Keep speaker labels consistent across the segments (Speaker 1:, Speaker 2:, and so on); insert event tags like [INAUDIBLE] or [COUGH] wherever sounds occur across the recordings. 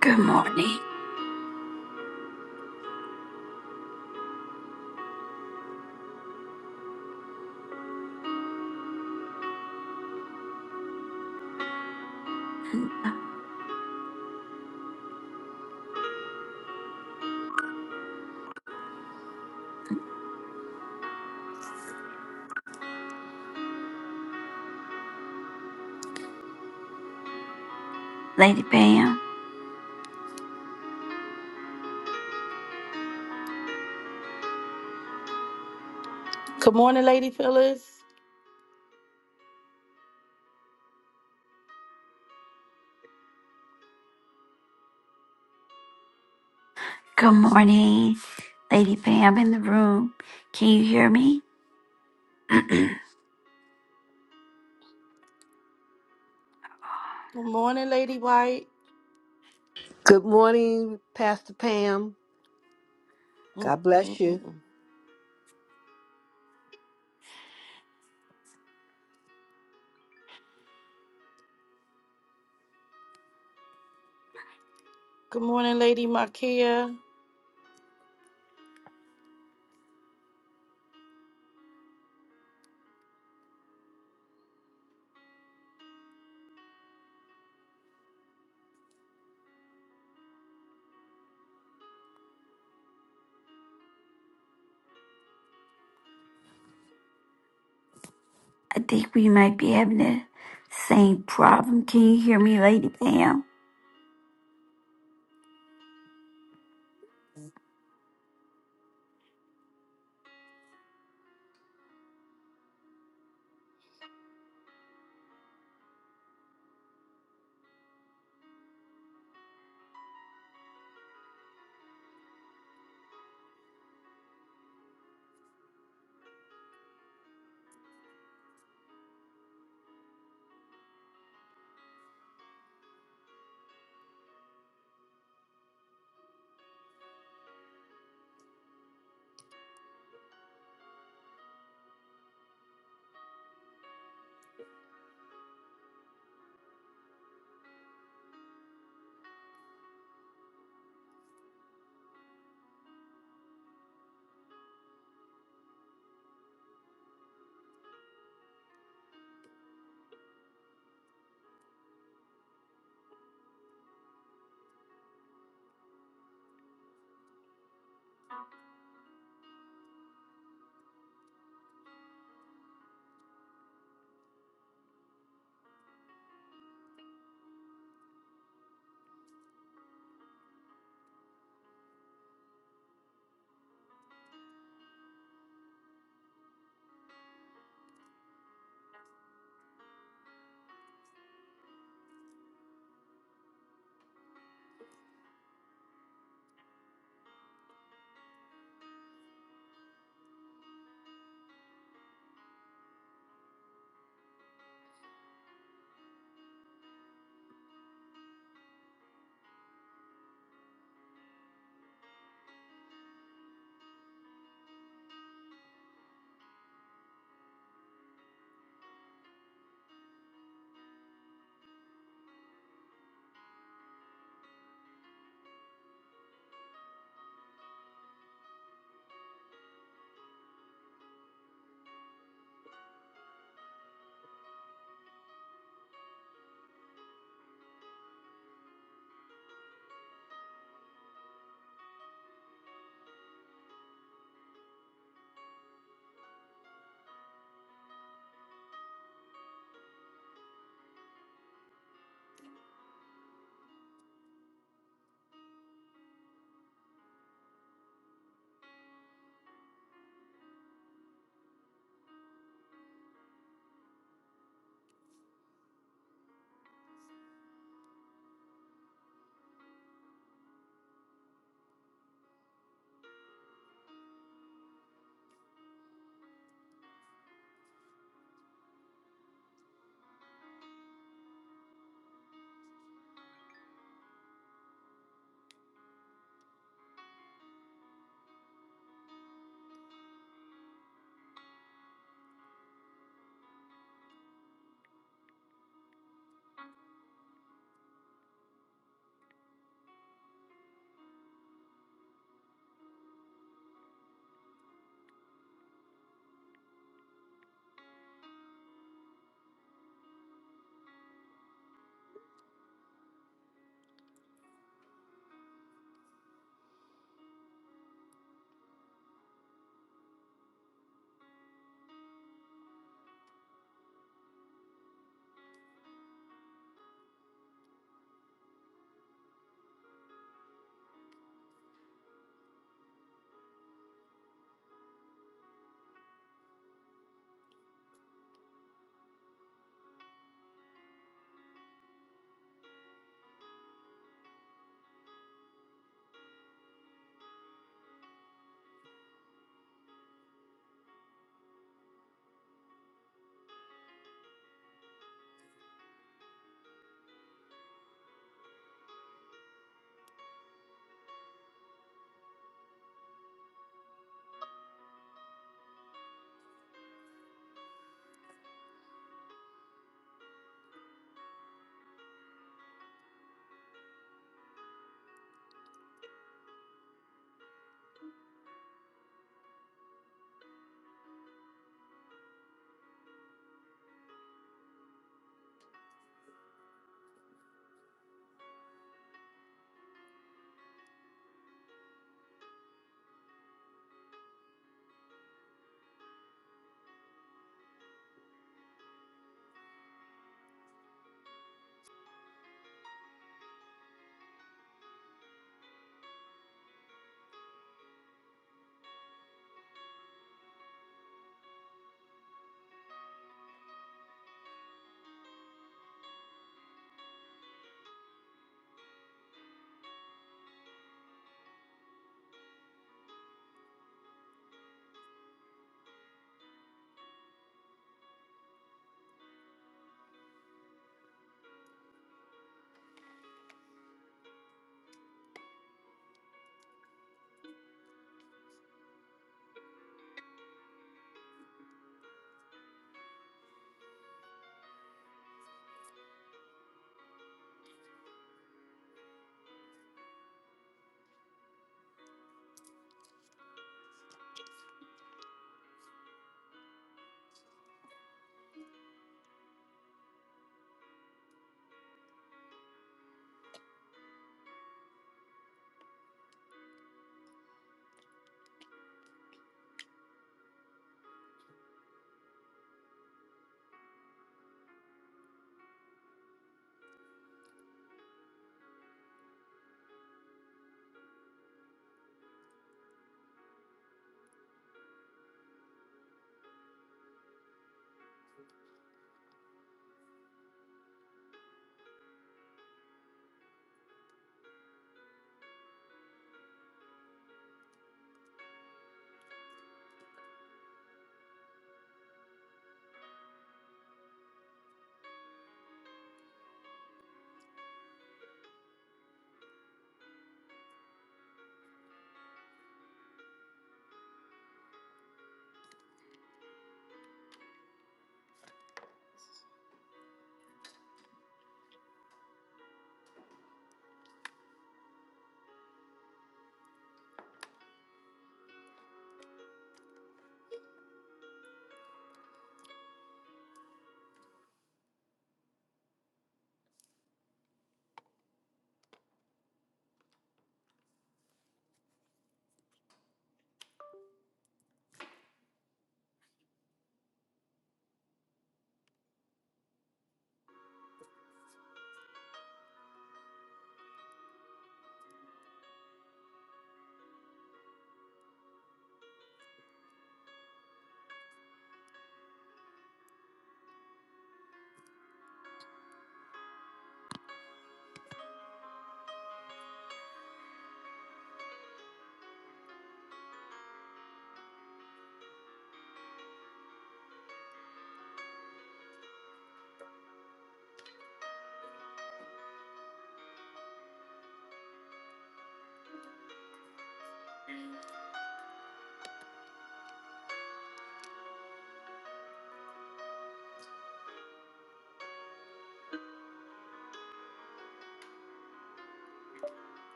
Speaker 1: Good morning, Lady Pam.
Speaker 2: Good morning, Lady Phyllis.
Speaker 1: Good morning, Lady Pam in the room. Can you hear me?
Speaker 2: Good morning, Lady White.
Speaker 3: Good morning, Pastor Pam.
Speaker 2: Mm,
Speaker 3: God
Speaker 2: mm,
Speaker 3: bless
Speaker 2: mm,
Speaker 3: you.
Speaker 2: mm. Good morning, Lady Markia.
Speaker 1: I think we might be having the same problem. Can you hear me, Lady Pam?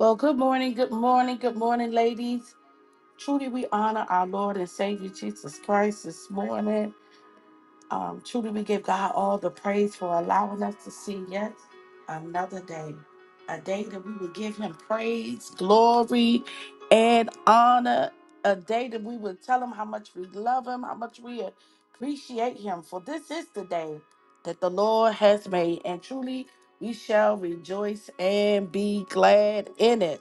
Speaker 2: Well, good morning, good morning, good morning, ladies. Truly, we honor our Lord and Savior Jesus Christ this morning. Um, truly, we give God all the praise for allowing us to see yet another day, a day that we would give Him praise, glory, and honor, a day that we would tell Him how much we love Him, how much we appreciate Him. For this is the day that the Lord has made, and truly, we shall rejoice and be glad in it.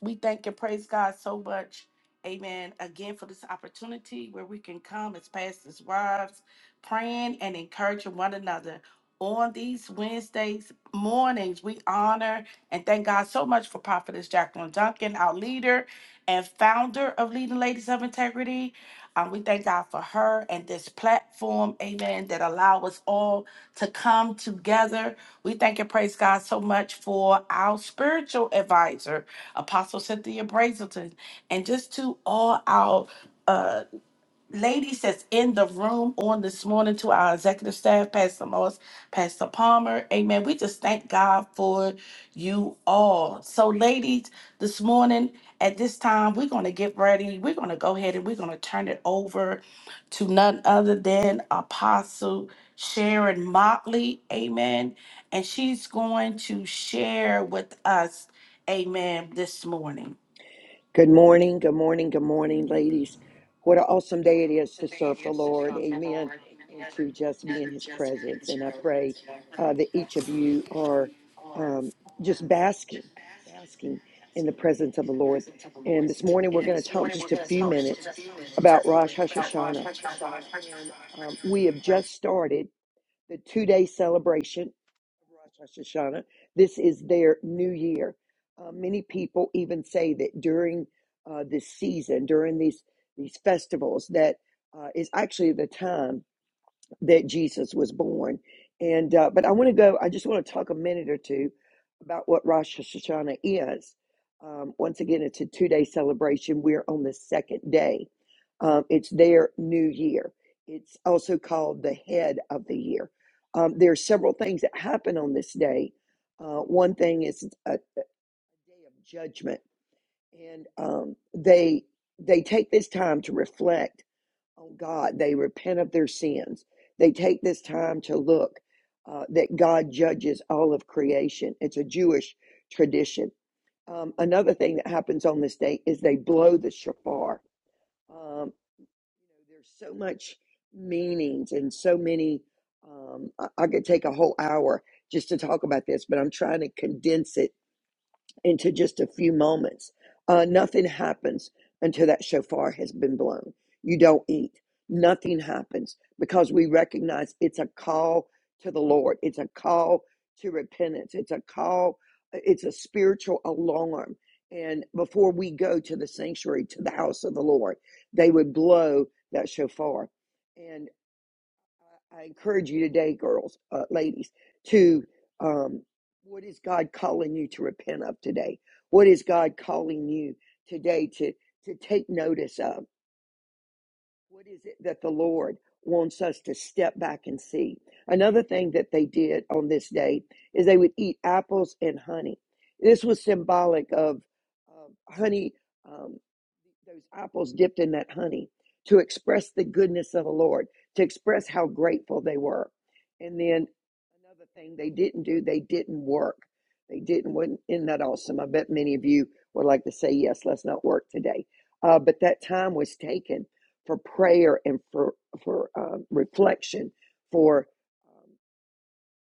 Speaker 2: We thank and praise God so much. Amen. Again, for this opportunity where we can come as pastors' wives, praying and encouraging one another. On these Wednesdays mornings, we honor and thank God so much for Prophetess Jacqueline Duncan, our leader and founder of Leading Ladies of Integrity. Um, we thank God for her and this platform, amen, that allow us all to come together. We thank and praise God so much for our spiritual advisor, Apostle Cynthia Brazelton, and just to all our uh, ladies that's in the room on this morning to our executive staff, Pastor Moss, Pastor Palmer. Amen. We just thank God for you all. So, ladies, this morning at this time, we're going to get ready. We're going to go ahead and we're going to turn it over to none other than Apostle Sharon Motley. Amen. And she's going to share with us. Amen. This morning.
Speaker 4: Good morning, good morning, good morning, ladies. What an awesome day it is to serve the Lord. Amen. And to just be in his presence. And I pray uh, that each of you are um, just basking, basking in the presence of the Lord. And this morning we're going to talk just a few minutes about Rosh Hashanah. And um, we have just started the two day celebration of Rosh Hashanah. This is their new year. Uh, many people even say that during uh, this season, during these these festivals, that uh, is actually the time that Jesus was born. And uh, but I want to go. I just want to talk a minute or two about what Rosh Hashanah is. Um, once again, it's a two-day celebration. We're on the second day. Um, it's their new year. It's also called the head of the year. Um, there are several things that happen on this day. Uh, one thing is a day of judgment, and um, they they take this time to reflect on God. They repent of their sins. They take this time to look uh, that God judges all of creation. It's a Jewish tradition. Um, another thing that happens on this day is they blow the shofar. Um, there's so much meanings and so many. Um, I, I could take a whole hour just to talk about this, but I'm trying to condense it into just a few moments. Uh, nothing happens until that shofar has been blown. You don't eat. Nothing happens because we recognize it's a call to the Lord. It's a call to repentance. It's a call, it's a spiritual alarm. And before we go to the sanctuary, to the house of the Lord, they would blow that shofar. and. I encourage you today, girls, uh, ladies, to um, what is God calling you to repent of today? What is God calling you today to to take notice of? What is it that the Lord wants us to step back and see? Another thing that they did on this day is they would eat apples and honey. This was symbolic of um, honey, um, those apples dipped in that honey to express the goodness of the Lord, to express how grateful they were. And then another thing they didn't do, they didn't work. They didn't, wasn't, isn't that awesome? I bet many of you would like to say, yes, let's not work today. Uh, but that time was taken for prayer and for for um, reflection, for um,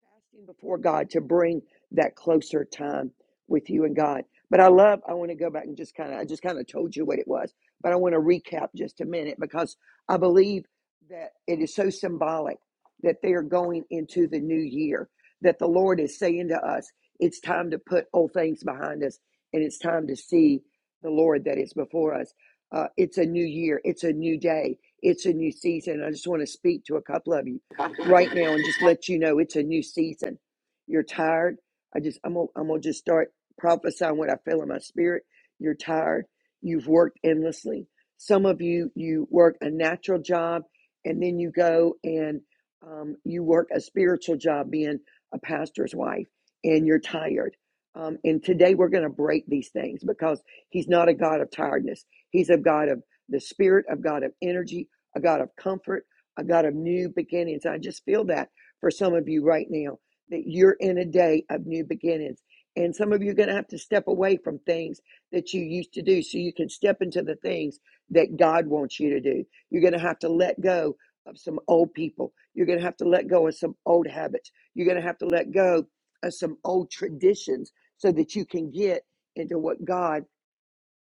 Speaker 4: fasting before God to bring that closer time with you and God. But I love, I want to go back and just kind of, I just kind of told you what it was, but I want to recap just a minute because I believe that it is so symbolic that they are going into the new year, that the Lord is saying to us, it's time to put old things behind us and it's time to see the Lord that is before us. Uh, it's a new year, it's a new day, it's a new season. I just want to speak to a couple of you right now and just let you know it's a new season. You're tired. I just I'm gonna, I'm gonna just start prophesying what I feel in my spirit. You're tired. You've worked endlessly. Some of you you work a natural job and then you go and um, you work a spiritual job being a pastor's wife and you're tired. Um, and today we're going to break these things because he's not a God of tiredness. He's a God of the spirit, a God of energy, a God of comfort I got a new beginnings. I just feel that for some of you right now that you're in a day of new beginnings. And some of you are going to have to step away from things that you used to do so you can step into the things that God wants you to do. You're going to have to let go of some old people. You're going to have to let go of some old habits. You're going to have to let go of some old traditions so that you can get into what God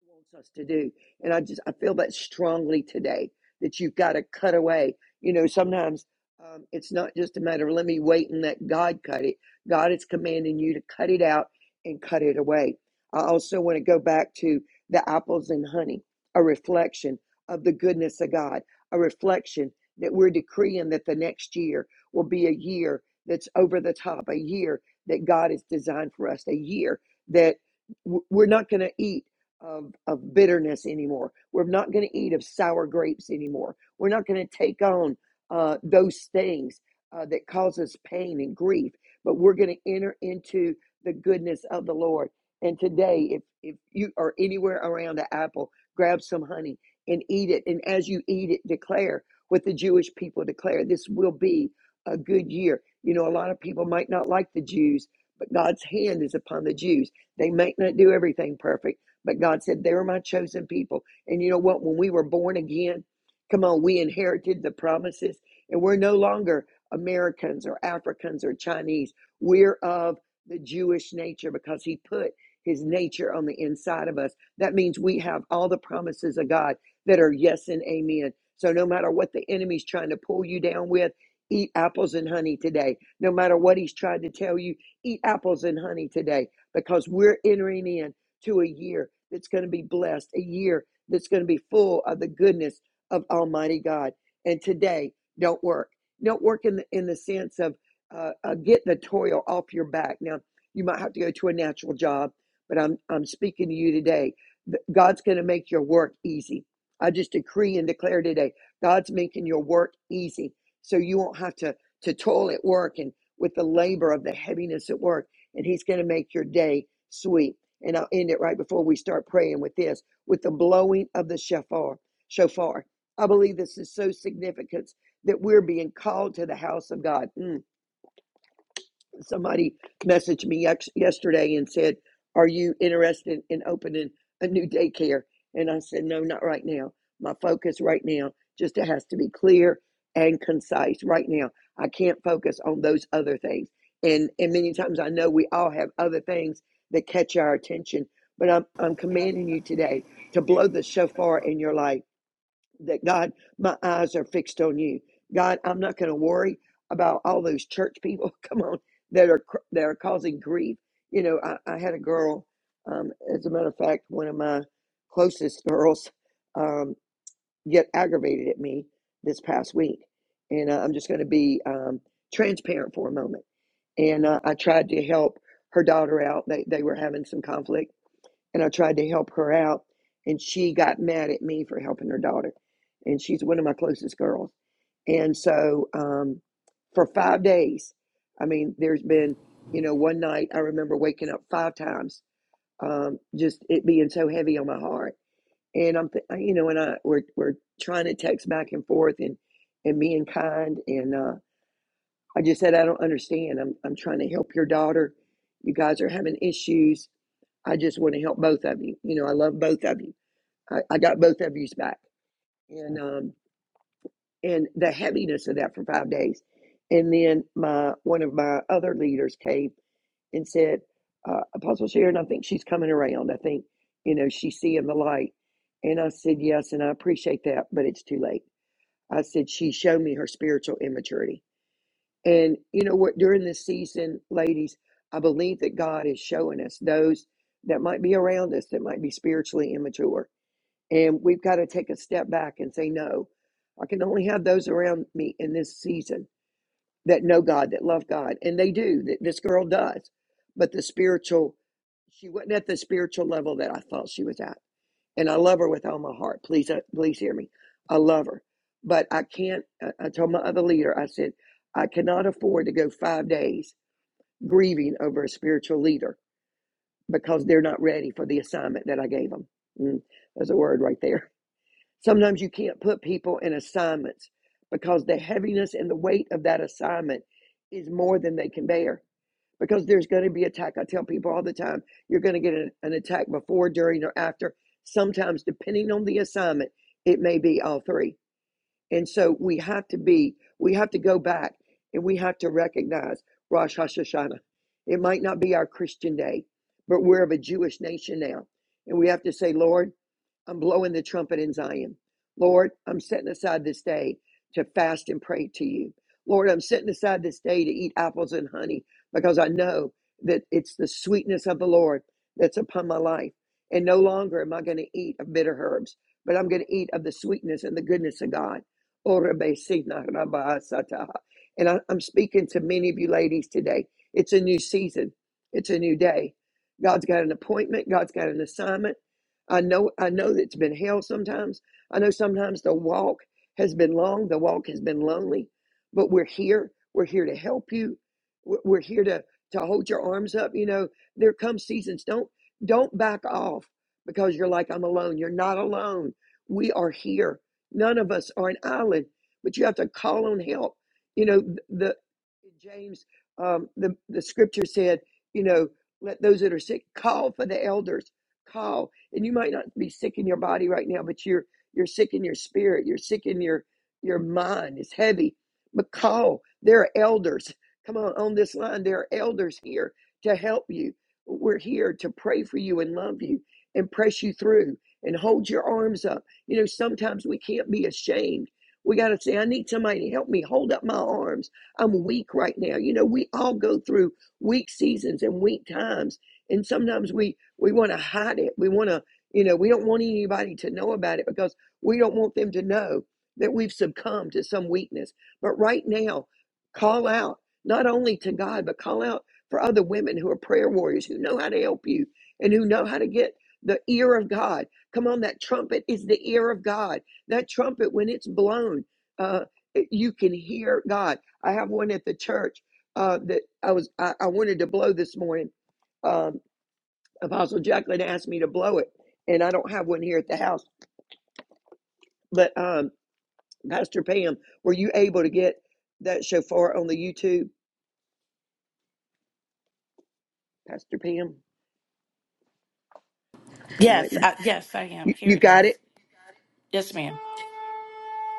Speaker 4: wants us to do. And I just I feel that strongly today that you've got to cut away. You know, sometimes um, it's not just a matter of let me wait and let God cut it. God is commanding you to cut it out and cut it away. I also want to go back to the apples and honey, a reflection of the goodness of God, a reflection that we're decreeing that the next year will be a year that's over the top, a year that God has designed for us, a year that w- we're not going to eat of, of bitterness anymore. We're not going to eat of sour grapes anymore. We're not going to take on uh, those things uh, that cause us pain and grief, but we're going to enter into the goodness of the Lord. And today, if, if you are anywhere around an apple, grab some honey and eat it. And as you eat it, declare what the Jewish people declare this will be a good year. You know, a lot of people might not like the Jews, but God's hand is upon the Jews. They might not do everything perfect but God said, They're my chosen people. And you know what? When we were born again, come on, we inherited the promises, and we're no longer Americans or Africans or Chinese. We're of the Jewish nature because He put His nature on the inside of us. That means we have all the promises of God that are yes and amen. So no matter what the enemy's trying to pull you down with, eat apples and honey today. No matter what he's trying to tell you, eat apples and honey today because we're entering in to a year that's going to be blessed, a year that's going to be full of the goodness of Almighty God. And today, don't work. Don't work in the, in the sense of uh, uh, get the toil off your back. Now, you might have to go to a natural job, but I'm, I'm speaking to you today. God's going to make your work easy. I just decree and declare today, God's making your work easy. So you won't have to, to toil at work and with the labor of the heaviness at work. And He's going to make your day sweet and I'll end it right before we start praying with this, with the blowing of the shofar. Shofar. I believe this is so significant that we're being called to the house of God. Mm somebody messaged me yex- yesterday and said, "Are you interested in opening a new daycare?" And I said, "No, not right now. My focus right now just it has to be clear and concise right now. I can't focus on those other things." And and many times I know we all have other things that catch our attention, but I'm I'm commanding you today to blow the shofar in your life that God, my eyes are fixed on you. God, I'm not going to worry about all those church people. [LAUGHS] Come on, that are cr- that are causing grief. You know, I, I had a girl. Um, as a matter of fact, one of my closest girls um, get aggravated at me this past week, and uh, I'm just going to be um, transparent for a moment. And uh, I tried to help her daughter out. They they were having some conflict and I tried to help her out, and she got mad at me for helping her daughter, and she's one of my closest girls. And so, um, for five days, I mean, there's been, you know, one night I remember waking up five times, um, just it being so heavy on my heart, and I'm, th- you know, and I we're we're trying to text back and forth and and being kind, and uh, I just said I don't understand. I'm I'm trying to help your daughter. You guys are having issues I just want to help both of you. You know, I love both of you. I, I got both of you's back, and um, and the heaviness of that for five days, and then my one of my other leaders came and said, uh, Apostle Sharon, I think she's coming around. I think you know she's seeing the light, and I said yes, and I appreciate that, but it's too late. I said she showed me her spiritual immaturity and you know what? During this season, ladies, I believe that God is showing us those that might be around us that might be spiritually immature. And we've got to take a step back and say, no, I can only have those around me in this season that know God, that love God. And they do, Th- this girl does. But the spiritual, she wasn't at the spiritual level that I thought she was at and I love her with all my heart. Please, uh, please hear me. I love her, but I can't. I I told my other leader, I said, I cannot afford to go five days grieving over a spiritual leader because they're not ready for the assignment that I gave them. Mm, there's a word right there. Sometimes you can't put people in assignments because the heaviness and the weight of that assignment is more than they can bear because there's going to be attack. I tell people all the time, you're going to get an, an attack before, during, or after. Sometimes, depending on the assignment, it may be all three. And so we have to be, we have to go back and we have to recognize Rosh Hashanah. It might not be our Christian day, but we're of a Jewish nation now. And we have to say, Lord, I'm blowing the trumpet in Zion. Lord, I'm setting aside this day to fast and pray to you. Lord, I'm setting aside this day to eat apples and honey because I know that it's the sweetness of the Lord that's upon my life. And no longer am I going to eat of bitter herbs, but I'm going to eat of the sweetness and the goodness of God. And I, I'm speaking to many of you ladies today. It's a new season, it's a new day. God's got an appointment, God's got an assignment. I know I know that it's been hell sometimes. I know sometimes the walk has been long, the walk has been lonely, but we're here. We're here to help you. We're we're here to to hold your arms up. You know, there come seasons. Don't don't back off because you're like I'm alone. You're not alone. We are here. None of us are an island, but you have to call on help. You know, th- the James, um, the the scripture said, you know, let those that are sick call for the elders. Call and you might not be sick in your body right now but you're you're sick in your spirit you're sick in your your mind it's heavy but call there are elders come on on this line there are elders here to help you we're here to pray for you and love you and press you through and hold your arms up you know sometimes we can't be ashamed we got to say i need somebody to help me hold up my arms i'm weak right now you know we all go through weak seasons and weak times and sometimes we we want to hide it we want to you know, we don't want anybody to know about it because we don't want them to know that we've succumbed to some weakness. But right now, call out not only to God, but call out for other women who are prayer warriors, who know how to help you and who know how to get the ear of God. Come on, that trumpet is the ear of God. That trumpet, when it's blown, uh, it- you can hear God. I have one at the church uh, that I was I, I wanted to blow this morning Um, Apostle Jacqueline asked me to blow it, and I don't have one here at the house. But um, Pastor Pam, were you able to get that shofar on the YouTube? Pastor Pam, she might
Speaker 2: Yes,
Speaker 4: be.
Speaker 2: I, yes, I am.
Speaker 4: You,
Speaker 2: Here
Speaker 4: you
Speaker 2: it is.
Speaker 4: got it.
Speaker 2: Yes, ma'am.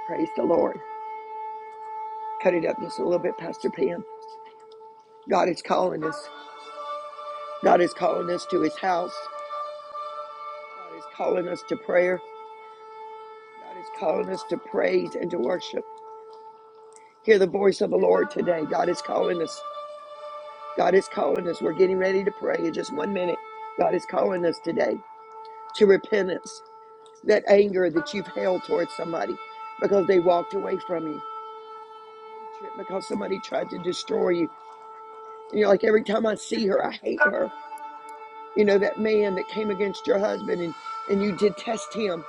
Speaker 4: Praise the Lord. Cut it up just a little bit, Pastor Pam. God is calling us. God is calling us to His house. God is calling us to prayer. God is calling us to praise and to worship. Hear the voice of the Lord today. God is calling us. God is calling us. We're getting ready to pray in just one minute. God is calling us today. to repentance, that anger that you've held towards somebody because they walked away from you, hatred because somebody tried to destroy you. And you're like, every time I see her, I hate her. You know, that man that came against your husband and, and you detest him.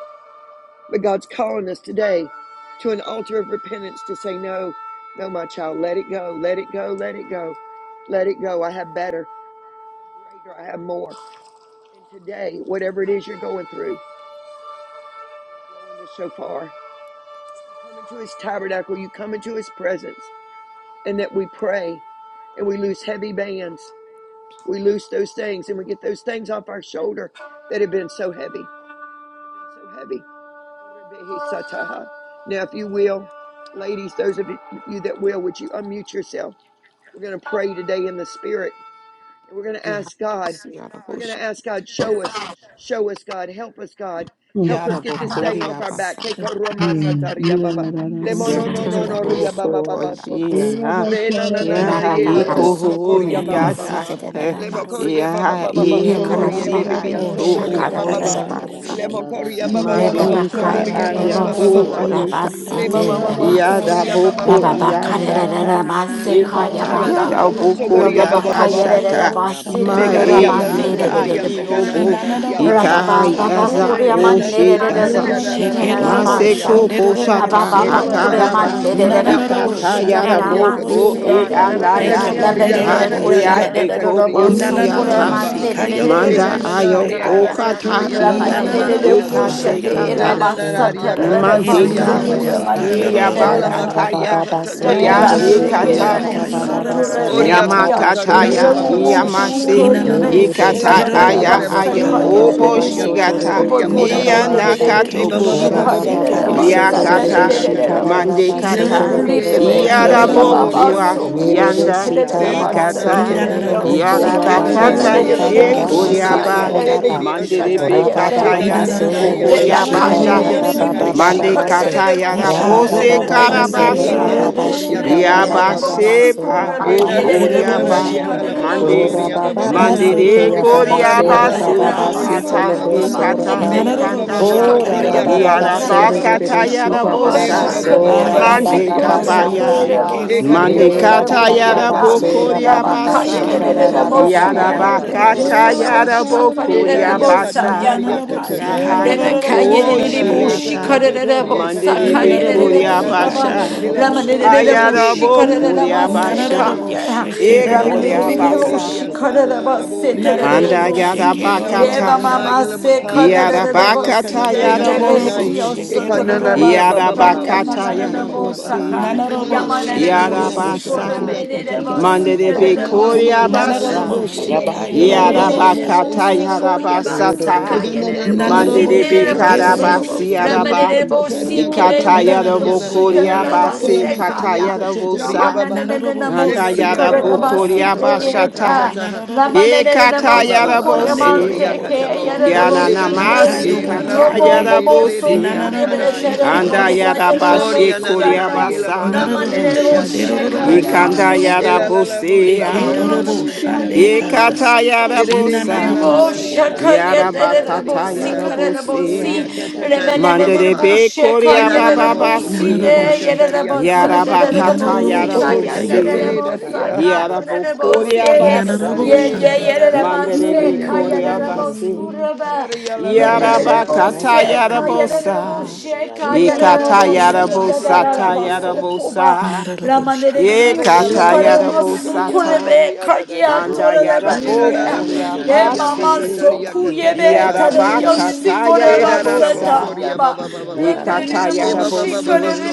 Speaker 4: But God's calling us today to an altar of repentance to say, no, no, my child, let it go, let it go, let it go, let it go. I have better, I have greater, I have more. And today, whatever it is you're going through, God is blowing the shofar that you come into his tabernacle, you come into his presence, and that we pray and we loose heavy bands. We loose those things and we get those things off our shoulder that have been so heavy, that have been so heavy. Now, if you will, ladies, those of you that will, would you unmute yourself? We're going to pray today in the spirit. And we're going to ask God. We're going
Speaker 5: Yarabos,
Speaker 4: to ask God, show us, show us, God, help us, God,
Speaker 3: Hmm.
Speaker 4: help us get this thing
Speaker 5: Yarabokori
Speaker 4: off our back.
Speaker 5: Abasa,
Speaker 4: Hey, no no no
Speaker 5: Yakaroko, Yana, Yahaiko,
Speaker 2: Erorobo
Speaker 5: Yata,
Speaker 2: shande rorobo sande
Speaker 5: Yahamosia,
Speaker 6: Thank
Speaker 2: kerorobo shande
Speaker 5: abasa.
Speaker 7: Yarababasaka,
Speaker 2: rorobo si
Speaker 7: ndadadadadabasaka.
Speaker 5: Mandehika
Speaker 1: Rebebekaya
Speaker 8: Oh,
Speaker 5: aya
Speaker 8: mama,
Speaker 5: o
Speaker 8: mama,
Speaker 2: inananorobo
Speaker 1: Rebebosukura
Speaker 8: shada
Speaker 5: ayika
Speaker 8: de
Speaker 2: shande
Speaker 7: Rokotobosiki,
Speaker 5: ha.
Speaker 8: usu
Speaker 1: Basite
Speaker 8: kolorada
Speaker 2: rorobo si
Speaker 8: ya
Speaker 1: Remasi
Speaker 5: yada
Speaker 8: saya.
Speaker 7: yanananabasaka,
Speaker 5: boko
Speaker 1: Rababakare
Speaker 7: yarararabosi.
Speaker 8: Uga, da
Speaker 5: yashata.
Speaker 2: inananorobo
Speaker 8: da da da da
Speaker 2: shande
Speaker 1: Remasi
Speaker 8: ya
Speaker 1: Kaya
Speaker 8: tia
Speaker 5: Ekata
Speaker 8: da
Speaker 2: rorobo
Speaker 8: da da
Speaker 2: sa
Speaker 7: Rababasoko,
Speaker 1: Baba
Speaker 8: ya
Speaker 5: yada
Speaker 8: usu da
Speaker 5: boko
Speaker 8: da ya
Speaker 7: nanananabasaha.
Speaker 1: Rababakaya
Speaker 8: saya.
Speaker 5: yabashata.
Speaker 2: ikayororobo shande
Speaker 5: Ma
Speaker 1: Rebasitu
Speaker 8: Uga,
Speaker 7: Rababasoko,
Speaker 4: Megaria
Speaker 8: mama,
Speaker 5: e
Speaker 2: rorobo si
Speaker 5: yanda
Speaker 1: Ramandere
Speaker 8: de de
Speaker 4: Corororia
Speaker 8: usu
Speaker 5: i
Speaker 8: ya da
Speaker 7: nanananabasaka.
Speaker 4: Sagana
Speaker 8: da
Speaker 1: Rebushi
Speaker 8: da
Speaker 5: obo.
Speaker 8: ya
Speaker 4: Nanaria
Speaker 2: inananorobo
Speaker 8: saya.
Speaker 5: Ika
Speaker 2: sha
Speaker 4: Lalaboso
Speaker 1: Rababa
Speaker 7: Rabasoko,
Speaker 4: Coria
Speaker 1: Baba
Speaker 8: De
Speaker 5: aza
Speaker 8: de
Speaker 2: karorobo
Speaker 8: de
Speaker 5: o
Speaker 2: she
Speaker 8: usu
Speaker 7: tototororobosiki,
Speaker 1: Kuriamandere
Speaker 8: kanda da da
Speaker 5: shekasa.
Speaker 8: da
Speaker 4: Lenananaria
Speaker 8: ya
Speaker 1: Kushi
Speaker 8: saya.
Speaker 4: Lalaboso
Speaker 7: yanananabasa.
Speaker 2: hekerorobo
Speaker 1: Terabasa
Speaker 4: Toriaba
Speaker 5: Maseko
Speaker 2: shande
Speaker 8: Anda da da
Speaker 2: rorobo
Speaker 5: boshata
Speaker 8: usu
Speaker 2: si
Speaker 4: Eba
Speaker 1: Rababa
Speaker 4: ba ba
Speaker 8: kolorada da
Speaker 7: Rababababasa,
Speaker 4: ba
Speaker 8: da ya
Speaker 4: ba
Speaker 5: akaraba
Speaker 4: so
Speaker 8: tia da da
Speaker 1: Kuriamandere
Speaker 8: da
Speaker 4: koriaka
Speaker 8: ya
Speaker 4: to
Speaker 2: inananorobo
Speaker 4: to
Speaker 5: ikata
Speaker 1: Kushi
Speaker 8: saya.
Speaker 4: to
Speaker 2: shande
Speaker 7: ndadadadadadabosoko.
Speaker 4: koriaka
Speaker 2: rorobo
Speaker 4: to
Speaker 2: si
Speaker 5: yaraboko
Speaker 1: Terabasi
Speaker 4: to
Speaker 5: e
Speaker 8: Uga, da da
Speaker 1: Teradiu
Speaker 8: da da da
Speaker 2: thank
Speaker 4: lemo
Speaker 2: you
Speaker 5: anaya
Speaker 8: ya
Speaker 2: Lord
Speaker 8: tia da
Speaker 4: koriaka
Speaker 5: ha
Speaker 8: da
Speaker 1: Rabere
Speaker 7: Randadadadadabasiki,
Speaker 8: da
Speaker 4: ta
Speaker 2: erorobo
Speaker 4: ta
Speaker 5: e
Speaker 8: ya
Speaker 4: ria
Speaker 5: ai
Speaker 2: sha
Speaker 8: saya da
Speaker 4: ka
Speaker 8: da
Speaker 1: Kurianere
Speaker 4: ta
Speaker 8: ya
Speaker 5: eko
Speaker 8: usu.
Speaker 4: koria
Speaker 7: yanananabasoko.
Speaker 4: ka ta ta ba
Speaker 1: Robosukura
Speaker 4: ba
Speaker 2: inananorobo
Speaker 5: osiata
Speaker 4: ba
Speaker 2: si
Speaker 4: ha
Speaker 1: Mandere
Speaker 8: Anda da
Speaker 2: kayororobo
Speaker 5: manda
Speaker 7: Rokotobosiki,
Speaker 8: da
Speaker 4: ikana na
Speaker 8: usu
Speaker 4: na
Speaker 5: ayo
Speaker 2: shande
Speaker 4: ria
Speaker 8: kanda da da
Speaker 4: ka
Speaker 1: Rushataya
Speaker 2: God
Speaker 8: da
Speaker 4: to
Speaker 8: ya
Speaker 7: yanananabasaka.
Speaker 4: to
Speaker 5: okata
Speaker 8: saya da
Speaker 4: ria
Speaker 8: da
Speaker 4: ba
Speaker 8: ya
Speaker 4: ba ba
Speaker 1: Ramande
Speaker 8: usu
Speaker 1: de
Speaker 4: ba
Speaker 5: iama
Speaker 8: da
Speaker 1: de
Speaker 4: ba
Speaker 8: da
Speaker 4: ba
Speaker 1: de
Speaker 2: inananorobo
Speaker 8: ya.
Speaker 4: ha so
Speaker 2: si
Speaker 9: Baba
Speaker 4: to
Speaker 9: Baba
Speaker 1: koşete
Speaker 4: le
Speaker 5: ikasekata
Speaker 2: kayororobo
Speaker 4: na
Speaker 7: Rabasoko
Speaker 4: na
Speaker 2: sha
Speaker 4: ra
Speaker 1: ramasa
Speaker 9: Kura
Speaker 4: ria
Speaker 8: Anda
Speaker 9: Baba
Speaker 4: ka
Speaker 8: da da
Speaker 4: to
Speaker 1: tararara
Speaker 9: Baba
Speaker 4: to
Speaker 8: usu
Speaker 7: totorobosi.
Speaker 4: ria
Speaker 9: Soda
Speaker 8: kanda
Speaker 1: basso
Speaker 4: ba
Speaker 8: da
Speaker 5: mandeka
Speaker 4: ba
Speaker 8: da
Speaker 4: ba
Speaker 8: ya
Speaker 4: ba
Speaker 9: Bebesti.
Speaker 8: saya
Speaker 4: ha
Speaker 2: Enorobosika
Speaker 8: da da
Speaker 7: Ikanda
Speaker 1: kuramande de
Speaker 8: ya
Speaker 7: da
Speaker 1: de
Speaker 7: da da
Speaker 1: de
Speaker 4: ola
Speaker 9: Ora
Speaker 8: usu.
Speaker 7: da
Speaker 9: Baba
Speaker 2: yororobosha.
Speaker 1: ramasa.
Speaker 5: iabakataya
Speaker 4: makariaka
Speaker 9: Baba
Speaker 7: rabasaka.
Speaker 4: ta ta
Speaker 9: Soda
Speaker 5: ia
Speaker 1: Rebe
Speaker 4: riaka ta
Speaker 9: Bebesti.
Speaker 1: başe
Speaker 4: ta ria
Speaker 9: Ora
Speaker 5: ikata
Speaker 4: ka
Speaker 1: kere
Speaker 4: ta
Speaker 2: Nanarobosika
Speaker 8: Mandareo,
Speaker 9: Baba
Speaker 7: Rokotobosi
Speaker 4: ta
Speaker 1: bosu
Speaker 9: Baba
Speaker 1: to
Speaker 2: yororobosha.
Speaker 7: kiyanana
Speaker 8: Sandarara,
Speaker 9: Satara
Speaker 1: rebe
Speaker 4: oriaka ta
Speaker 1: kia.
Speaker 9: Baba
Speaker 4: ta
Speaker 7: basaka
Speaker 4: ria
Speaker 3: Yeah,
Speaker 4: ka
Speaker 5: Yamakataya,
Speaker 4: ba
Speaker 1: Rabu
Speaker 4: ba ba
Speaker 7: tabasaka.
Speaker 1: bu
Speaker 4: ba
Speaker 9: Shake
Speaker 4: ba
Speaker 6: you.
Speaker 4: so
Speaker 5: Yamase,
Speaker 9: Rabba
Speaker 1: şikori
Speaker 4: koria
Speaker 1: be se
Speaker 2: Inanaroboshe
Speaker 4: ola
Speaker 7: Rabaseke
Speaker 1: tararara
Speaker 4: makarie
Speaker 7: yanana
Speaker 5: Ikataya,
Speaker 4: be ba
Speaker 2: kerorobosa
Speaker 1: basa
Speaker 4: ba
Speaker 5: Haya,
Speaker 4: ba ba
Speaker 7: basa.
Speaker 4: ba
Speaker 2: God.
Speaker 4: ba
Speaker 6: Thank
Speaker 1: kariyere
Speaker 4: so
Speaker 6: you.
Speaker 1: de
Speaker 5: Obo
Speaker 1: de bu.
Speaker 4: koriaka ta ta
Speaker 5: Shigata,
Speaker 1: Babol
Speaker 4: ria
Speaker 7: Rokotobosi
Speaker 4: ba ba
Speaker 1: kore
Speaker 4: ba
Speaker 1: be
Speaker 4: ba
Speaker 7: kibi.
Speaker 4: ha
Speaker 1: de de de
Speaker 2: Nanaroboshe
Speaker 1: de
Speaker 7: Ikanda
Speaker 4: me
Speaker 1: bu
Speaker 7: da
Speaker 4: mama
Speaker 7: da da
Speaker 4: baba
Speaker 5: Ianakatobosha,
Speaker 4: baba
Speaker 1: şikariyere
Speaker 2: kerorobosika
Speaker 1: de
Speaker 7: basiki.
Speaker 4: sokoria
Speaker 1: basa
Speaker 2: yororobosha.
Speaker 1: tararara
Speaker 4: katataria
Speaker 5: Yakata,
Speaker 1: de de
Speaker 4: katata.
Speaker 1: rabu
Speaker 7: Rororobosa
Speaker 1: şi.
Speaker 4: Le
Speaker 5: Mandekata,
Speaker 4: mokorie
Speaker 1: Ribe
Speaker 7: yararabasa
Speaker 4: baba
Speaker 1: be
Speaker 2: Erorobosika
Speaker 7: da
Speaker 4: baba
Speaker 1: ke
Speaker 7: da da
Speaker 4: baba
Speaker 7: da
Speaker 1: ya baba
Speaker 4: soria
Speaker 2: yororobosha.
Speaker 5: Yarabokua,
Speaker 7: robosi.
Speaker 4: baba
Speaker 1: so
Speaker 4: baba baba.
Speaker 1: kuşe
Speaker 5: Yanda,
Speaker 1: de de
Speaker 7: Arada da
Speaker 4: Le
Speaker 1: de
Speaker 7: da
Speaker 4: na
Speaker 7: da
Speaker 4: na
Speaker 1: basa
Speaker 4: na rie
Speaker 7: basa
Speaker 5: Ikata,
Speaker 4: na
Speaker 1: tararara
Speaker 4: na
Speaker 7: da
Speaker 4: na.
Speaker 7: da da da
Speaker 1: yosiya.
Speaker 2: Nanarobosika
Speaker 4: Ye na na
Speaker 7: baseke.
Speaker 4: na
Speaker 1: Rebecca,
Speaker 5: Yarabakata,
Speaker 4: yala mo
Speaker 2: yororoboshe
Speaker 4: no no no ni yala
Speaker 5: Ekoriaba,
Speaker 7: Rokotobo
Speaker 4: mo ni
Speaker 2: kerorobosika.
Speaker 4: ni ni asatai.
Speaker 5: Mandelebe
Speaker 4: Ye
Speaker 7: Tikiyananabasa
Speaker 4: ka
Speaker 5: Kataya,
Speaker 4: na na
Speaker 7: Kara
Speaker 4: na yala
Speaker 2: Inanaroboshe
Speaker 4: la mo
Speaker 7: basa
Speaker 4: ni ni ni
Speaker 5: Bokoriabasha,
Speaker 2: kerorobosa
Speaker 7: Ida
Speaker 2: de
Speaker 4: asakaria
Speaker 5: Mande
Speaker 2: God.
Speaker 7: Dada Basa
Speaker 4: katataria baba
Speaker 5: katayara
Speaker 7: Kanda
Speaker 2: Ika
Speaker 4: baba.
Speaker 7: Dada
Speaker 5: bose
Speaker 2: yobo
Speaker 4: E na na
Speaker 2: shande
Speaker 7: Basake
Speaker 4: ria
Speaker 5: karabasa.
Speaker 2: rorobosi.
Speaker 4: kototoria ka baba
Speaker 7: Rokotobo
Speaker 5: Yaba
Speaker 4: baba
Speaker 7: Siki
Speaker 4: baba.
Speaker 5: seba
Speaker 4: E
Speaker 7: Ikanda
Speaker 4: na
Speaker 7: da
Speaker 4: ra
Speaker 7: da
Speaker 4: na
Speaker 7: da
Speaker 4: na
Speaker 2: Eherorobo
Speaker 4: ra
Speaker 5: hokoriaba.
Speaker 4: ria la
Speaker 7: basaka,
Speaker 4: la
Speaker 2: shande.
Speaker 4: bo
Speaker 5: Mande
Speaker 9: Ora
Speaker 4: sotoria
Speaker 7: raba
Speaker 9: baba
Speaker 4: baba baba.
Speaker 7: soko
Speaker 5: mande
Speaker 9: basi
Speaker 7: to to
Speaker 5: re
Speaker 9: te
Speaker 4: E
Speaker 7: to
Speaker 9: ya
Speaker 4: ka
Speaker 7: to to
Speaker 4: na
Speaker 9: baba
Speaker 4: na
Speaker 2: Narararabosika,
Speaker 4: ria
Speaker 5: koriaba
Speaker 7: to
Speaker 9: sora
Speaker 4: la la bo
Speaker 9: baba
Speaker 7: siki.
Speaker 5: seya
Speaker 2: yarararabosha.
Speaker 4: soria
Speaker 9: basi te
Speaker 4: baba
Speaker 9: le
Speaker 5: ata
Speaker 9: re
Speaker 4: baba.
Speaker 9: sora
Speaker 5: hikata
Speaker 4: Me
Speaker 9: ba.
Speaker 7: Ramba
Speaker 4: mama ba ba ba
Speaker 7: siri de
Speaker 5: hikandaya.
Speaker 4: so
Speaker 7: de
Speaker 2: Narararabosika,
Speaker 9: Ora ra
Speaker 4: koria
Speaker 7: hana da
Speaker 9: baba
Speaker 7: da da
Speaker 2: yarararabosha.
Speaker 7: da
Speaker 9: basi
Speaker 7: da
Speaker 4: katataria
Speaker 5: Yaraba
Speaker 9: re
Speaker 7: bo
Speaker 4: ba
Speaker 9: re
Speaker 4: ba
Speaker 9: re
Speaker 7: so.
Speaker 9: re
Speaker 4: ha.
Speaker 9: si
Speaker 5: katayara
Speaker 9: ya ra
Speaker 1: Baba
Speaker 9: ra
Speaker 4: Me
Speaker 9: ba
Speaker 7: Rande
Speaker 4: mama
Speaker 7: de
Speaker 5: bosa.
Speaker 4: ba
Speaker 1: Shaka,
Speaker 7: da
Speaker 4: ba ba
Speaker 7: da da
Speaker 4: ba
Speaker 7: da
Speaker 9: sora
Speaker 4: ba
Speaker 7: bo
Speaker 4: so
Speaker 9: baba
Speaker 7: so
Speaker 2: Hallelujah.
Speaker 5: Mande
Speaker 7: ko.
Speaker 4: koria
Speaker 1: Yabasiko,
Speaker 9: baba sa
Speaker 4: katata.
Speaker 9: ta
Speaker 5: kabaya.
Speaker 9: la.
Speaker 1: Yabatabo,
Speaker 2: Narararabosike,
Speaker 7: Rababa
Speaker 4: E
Speaker 7: so
Speaker 1: Sita,
Speaker 7: ko
Speaker 4: karia
Speaker 5: Mande
Speaker 9: Ye
Speaker 7: to
Speaker 9: ra
Speaker 4: koto
Speaker 7: to to
Speaker 2: rararabosande,
Speaker 7: da
Speaker 9: baba
Speaker 7: da
Speaker 4: totoria
Speaker 7: bo
Speaker 2: God.
Speaker 5: katayara
Speaker 9: baba
Speaker 4: ba
Speaker 1: Shata.
Speaker 4: ba
Speaker 1: Rebecca,
Speaker 9: sora
Speaker 7: siki
Speaker 4: ha.
Speaker 9: baba
Speaker 7: ina
Speaker 5: bokoriaba
Speaker 7: na na
Speaker 4: Me
Speaker 7: na
Speaker 9: basi
Speaker 2: Eke
Speaker 5: sa.
Speaker 7: ba
Speaker 9: ta
Speaker 4: mama ba ba
Speaker 9: ra
Speaker 7: sa.
Speaker 9: ra
Speaker 4: so
Speaker 9: baba
Speaker 4: koria
Speaker 7: Ra
Speaker 2: rararabosande,
Speaker 9: baba.
Speaker 7: ra
Speaker 5: Yaraba
Speaker 7: da da da da
Speaker 4: katataria ba
Speaker 7: ba
Speaker 4: ba
Speaker 2: rararabosika,
Speaker 7: sa
Speaker 4: ba
Speaker 2: God.
Speaker 7: ka
Speaker 4: ha.
Speaker 5: katayara
Speaker 7: ta da da da
Speaker 4: E
Speaker 7: bo so
Speaker 4: karia
Speaker 5: bokoriaba
Speaker 7: ko.
Speaker 5: sa.
Speaker 4: katataria
Speaker 7: Roko to
Speaker 4: katata
Speaker 7: bo
Speaker 4: ha.
Speaker 2: Nananarabosika,
Speaker 5: Yahaya
Speaker 7: siki
Speaker 4: E na na na
Speaker 2: yarararaboshande,
Speaker 7: ikanda
Speaker 4: na
Speaker 7: da
Speaker 4: re
Speaker 7: da
Speaker 2: God.
Speaker 7: da
Speaker 5: ooshiata.
Speaker 7: da ba
Speaker 4: toto
Speaker 7: sa.
Speaker 4: re
Speaker 5: Mande
Speaker 4: kata
Speaker 5: de
Speaker 4: ye
Speaker 5: be
Speaker 4: de
Speaker 7: Aranda da
Speaker 4: de
Speaker 7: da da
Speaker 4: da
Speaker 5: koria
Speaker 7: da
Speaker 4: da
Speaker 7: bo
Speaker 4: da.
Speaker 2: Inanararabosika,
Speaker 7: so ko
Speaker 5: basha.
Speaker 4: Ye
Speaker 7: to
Speaker 4: la
Speaker 7: to to da
Speaker 4: moko
Speaker 2: yarararabosha,
Speaker 7: da
Speaker 4: re
Speaker 7: bo
Speaker 2: God.
Speaker 4: de de
Speaker 7: siki ya
Speaker 5: Ayarabo
Speaker 7: na na
Speaker 4: asada
Speaker 7: na
Speaker 4: la
Speaker 7: na na
Speaker 4: la
Speaker 5: koria
Speaker 7: da
Speaker 4: bo
Speaker 7: bo
Speaker 4: de de
Speaker 7: so ko.
Speaker 4: he.
Speaker 5: basha.
Speaker 4: E
Speaker 2: Narararaboshike,
Speaker 7: Ro
Speaker 5: E
Speaker 4: na
Speaker 7: do
Speaker 4: da
Speaker 7: do do do
Speaker 4: la
Speaker 7: do
Speaker 5: koria
Speaker 4: bo
Speaker 7: do
Speaker 2: rararabosa,
Speaker 4: de
Speaker 7: bo
Speaker 4: de de
Speaker 2: God.
Speaker 7: siki
Speaker 5: basa.
Speaker 7: da da
Speaker 4: asa
Speaker 7: da
Speaker 4: la
Speaker 7: da
Speaker 4: la la
Speaker 7: ba
Speaker 4: bo
Speaker 7: sa
Speaker 4: de
Speaker 7: ka.
Speaker 4: de de
Speaker 5: Anda
Speaker 4: asa.
Speaker 5: yada
Speaker 2: Narararaboshike, rararabosa.
Speaker 5: bakataya.
Speaker 4: Lamokananaya
Speaker 7: Arabasa da
Speaker 4: Lamakaya
Speaker 7: da da
Speaker 5: Yada
Speaker 7: ba
Speaker 4: Namakaya
Speaker 7: sa.
Speaker 5: bakata
Speaker 4: Kananaya
Speaker 5: yada
Speaker 4: Katanai
Speaker 5: bosi.
Speaker 7: Rokotobo
Speaker 2: Inanararaboshike,
Speaker 7: siki
Speaker 2: rararabosa.
Speaker 4: Ekananaria
Speaker 5: Yada
Speaker 4: Baba
Speaker 7: anananaba
Speaker 4: Baba
Speaker 6: Thank
Speaker 5: bakata
Speaker 7: saka ta
Speaker 4: Shakaria
Speaker 5: yada
Speaker 7: ta ta
Speaker 4: Baba
Speaker 7: ta ta
Speaker 4: Baba
Speaker 7: ba
Speaker 5: bosi.
Speaker 7: saka.
Speaker 4: Enanana
Speaker 1: Ramana
Speaker 2: Nanarabosike,
Speaker 4: Lamokoria
Speaker 2: rararabosa.
Speaker 7: Rokotobo
Speaker 5: Yarabasa,
Speaker 4: Katataria
Speaker 7: siki
Speaker 4: Katata
Speaker 5: Mande de
Speaker 7: anananaba saka
Speaker 5: Bikuri
Speaker 7: ta.
Speaker 4: Egananaria
Speaker 3: Thank you.
Speaker 2: Nanorobo
Speaker 5: Abasa,
Speaker 4: Dalalabose
Speaker 2: shika
Speaker 7: Raba
Speaker 4: Dalalabose
Speaker 7: saka.
Speaker 2: yororobo
Speaker 3: Yeah,
Speaker 2: sha.
Speaker 4: Dalalabose
Speaker 5: Yarabakata
Speaker 4: Dalalabose
Speaker 5: Yarabasata,
Speaker 7: Yodododobo
Speaker 4: Egananaria
Speaker 7: siki.
Speaker 5: Mande
Speaker 2: Nanorobo
Speaker 5: de
Speaker 4: Lalaboso
Speaker 2: sheke
Speaker 7: Handa da da
Speaker 4: Tototoho
Speaker 7: da da
Speaker 2: rororobo.
Speaker 5: Bikarabasi
Speaker 7: da
Speaker 4: Oria
Speaker 5: Yaraba,
Speaker 7: siki ta ta ta
Speaker 4: Katataria
Speaker 7: ba ra ta
Speaker 5: Ikata
Speaker 7: saka da da
Speaker 4: Katataria
Speaker 7: da
Speaker 2: Nanorobo
Speaker 5: Yarabokuri
Speaker 4: Lalaha
Speaker 2: sheke
Speaker 5: Abasi,
Speaker 2: rororobo si.
Speaker 5: Kata
Speaker 4: Olamakaria Katotoria
Speaker 5: Yarabosa,
Speaker 4: Babaha
Speaker 2: Nanorobo
Speaker 5: Anda
Speaker 2: sheke
Speaker 4: Lemoria Baba
Speaker 2: rororobo
Speaker 7: Raba
Speaker 5: Yarabokuri
Speaker 2: sa.
Speaker 4: Baba
Speaker 7: sanda da da
Speaker 4: Tokoria
Speaker 7: da ba
Speaker 5: Abashata,
Speaker 7: sa.
Speaker 4: Katataha
Speaker 2: Inanorobo sheke
Speaker 5: Ekata
Speaker 4: Eba
Speaker 2: rororobo
Speaker 4: ba ba ba
Speaker 2: Sunday
Speaker 4: sokoria
Speaker 5: Yarabosi,
Speaker 2: rororobo.
Speaker 4: katabo.
Speaker 7: Rokotobo
Speaker 4: Ega na na
Speaker 2: Hika
Speaker 5: Yananamasi
Speaker 7: siki
Speaker 4: rie na
Speaker 2: yobo
Speaker 4: la la
Speaker 5: Kata
Speaker 4: bosi
Speaker 1: Romo
Speaker 7: anananaba
Speaker 2: Sunday.
Speaker 4: se de
Speaker 1: momo
Speaker 7: sa.
Speaker 4: de
Speaker 1: so
Speaker 4: de dia
Speaker 5: Yarabosia,
Speaker 1: kude
Speaker 2: Inanorobo
Speaker 4: sada yele
Speaker 2: sheke
Speaker 7: Ayanananabo
Speaker 1: betere
Speaker 4: bo
Speaker 5: Anda
Speaker 4: de.
Speaker 1: bosa
Speaker 2: rororobo
Speaker 7: suku.
Speaker 2: si
Speaker 1: yere
Speaker 2: kara.
Speaker 5: Yarabashi
Speaker 4: Oria na na
Speaker 5: Kuri
Speaker 4: na
Speaker 1: bosi
Speaker 7: Rokotobo
Speaker 4: yele bo da
Speaker 5: Abasa.
Speaker 7: si.
Speaker 4: ro ro
Speaker 2: Nanorobo
Speaker 4: ro
Speaker 1: Ramanere bo
Speaker 4: ria
Speaker 2: shande
Speaker 4: sada la la
Speaker 2: rororobo
Speaker 1: Shekaya
Speaker 2: si.
Speaker 4: ya.
Speaker 5: Ikanda
Speaker 7: Hayananaba
Speaker 5: yada
Speaker 4: Ela
Speaker 1: Basidere,
Speaker 4: la
Speaker 7: saka.
Speaker 4: la bo
Speaker 5: bosi
Speaker 4: de de
Speaker 2: Eke
Speaker 4: dia la
Speaker 1: Ribabo
Speaker 5: ya.
Speaker 4: la
Speaker 2: rororobo
Speaker 4: bo de
Speaker 1: Shekaya
Speaker 2: shande
Speaker 4: dia la la
Speaker 1: Nerebo
Speaker 2: kara.
Speaker 4: ha.
Speaker 5: Ikata
Speaker 1: Santo,
Speaker 5: yada
Speaker 4: Ede de dia la
Speaker 5: bosa.
Speaker 2: Inanorobo.
Speaker 4: la
Speaker 1: Ribo
Speaker 4: la
Speaker 7: da da da
Speaker 4: dia la
Speaker 7: da
Speaker 4: la la
Speaker 1: Shekaya
Speaker 5: Yada
Speaker 7: da
Speaker 4: dia
Speaker 7: da
Speaker 4: da
Speaker 7: da
Speaker 4: da
Speaker 1: Nerebo bo
Speaker 5: bakata
Speaker 4: dia da da
Speaker 5: yada
Speaker 4: ha.
Speaker 1: sikare bo
Speaker 5: bosi
Speaker 1: Si,
Speaker 4: Oria
Speaker 5: ya.
Speaker 7: da da da
Speaker 4: kachacharia ba
Speaker 5: Manda
Speaker 4: ba
Speaker 5: de
Speaker 4: ba
Speaker 1: Remenerebo
Speaker 4: ha.
Speaker 7: basaka,
Speaker 5: be koria
Speaker 4: Eda
Speaker 1: Shekaya
Speaker 4: da da
Speaker 5: baba
Speaker 4: bo
Speaker 1: Nerebo
Speaker 7: rokotobo
Speaker 4: sokoria
Speaker 2: Inanorobo
Speaker 7: siki
Speaker 1: Site,
Speaker 5: basi.
Speaker 7: yana
Speaker 2: sheka.
Speaker 7: na na
Speaker 4: kachacharia
Speaker 7: na
Speaker 1: Yerebo
Speaker 4: ka
Speaker 6: you.
Speaker 4: ba ba
Speaker 5: Yada
Speaker 7: basa,
Speaker 1: Sante,
Speaker 4: ba
Speaker 1: bo
Speaker 4: ba ba
Speaker 1: sadere
Speaker 4: ha.
Speaker 5: bakata
Speaker 1: bo
Speaker 2: Inanorobo
Speaker 5: yada
Speaker 1: Sikaya
Speaker 4: Oria
Speaker 7: rokotobo
Speaker 6: I'm
Speaker 5: bosi.
Speaker 4: kate
Speaker 2: si
Speaker 7: sanda
Speaker 1: Nerebo
Speaker 4: da
Speaker 7: da da
Speaker 4: ya
Speaker 7: da da
Speaker 1: Saka,
Speaker 5: Yada
Speaker 7: basaka,
Speaker 1: bo Si,
Speaker 5: bokoria
Speaker 4: Oria
Speaker 5: basa
Speaker 2: Inarabo
Speaker 7: randa
Speaker 5: ya.
Speaker 1: Ye
Speaker 7: da
Speaker 4: catatari,
Speaker 1: Ye
Speaker 7: da
Speaker 4: da
Speaker 7: da
Speaker 4: da
Speaker 2: shandeka,
Speaker 7: da
Speaker 4: da da
Speaker 6: to
Speaker 1: Yerebo
Speaker 5: Manda
Speaker 4: dia la
Speaker 5: de
Speaker 3: Yeah,
Speaker 4: la
Speaker 7: basiki
Speaker 5: be
Speaker 4: da
Speaker 7: yana na
Speaker 1: Sekaya
Speaker 4: dia.
Speaker 5: koria
Speaker 7: na
Speaker 1: dere bo
Speaker 7: boso,
Speaker 5: basi.
Speaker 4: Da da
Speaker 1: Suraba,
Speaker 4: da dia la la da
Speaker 5: Yada
Speaker 7: haya
Speaker 4: dia
Speaker 7: da
Speaker 4: la
Speaker 7: da
Speaker 4: la da
Speaker 5: bakata
Speaker 4: dia da
Speaker 1: Limanelebose
Speaker 4: da
Speaker 7: basaka
Speaker 5: yada
Speaker 7: da
Speaker 4: dia.
Speaker 7: da da da
Speaker 5: bosa.
Speaker 7: basa
Speaker 1: kayanelebose
Speaker 4: Da dia la la
Speaker 5: Ikata
Speaker 4: da
Speaker 1: kayanelebose
Speaker 4: dia
Speaker 5: yada
Speaker 4: la da
Speaker 7: basa
Speaker 4: dia
Speaker 5: bosa
Speaker 4: da
Speaker 5: ta
Speaker 4: da dia
Speaker 5: yada
Speaker 4: da da dia.
Speaker 1: yadadadarabasokoba.
Speaker 7: inda
Speaker 5: bosa.
Speaker 4: Eka
Speaker 2: narabo shaka.
Speaker 5: Ye
Speaker 7: Randa Randa na na
Speaker 5: katayada
Speaker 7: na na ko. Ramba
Speaker 5: bosata.
Speaker 1: Lamanelebiyeshukaramasokorebe
Speaker 7: Tarabasandadadadabaseke, indadadadadabasaka, rokotobosiki,
Speaker 5: Andayada
Speaker 1: kayatorelebase.
Speaker 7: yanananabasa, rokotobosandadadadabasaka,
Speaker 5: bokoria
Speaker 7: da da da rambaseke,
Speaker 5: basi.
Speaker 7: yananabasa, radadadadadabasaka, na
Speaker 1: Lemamansokuryebe
Speaker 5: Yada
Speaker 7: basa.
Speaker 5: bakatayada
Speaker 7: Roko
Speaker 1: tadadiyosikorerebaseta
Speaker 7: tobo
Speaker 5: bosa.
Speaker 1: yaba.
Speaker 7: siki
Speaker 5: Ye
Speaker 7: yanana
Speaker 5: katayada
Speaker 7: basaka.
Speaker 5: bosi.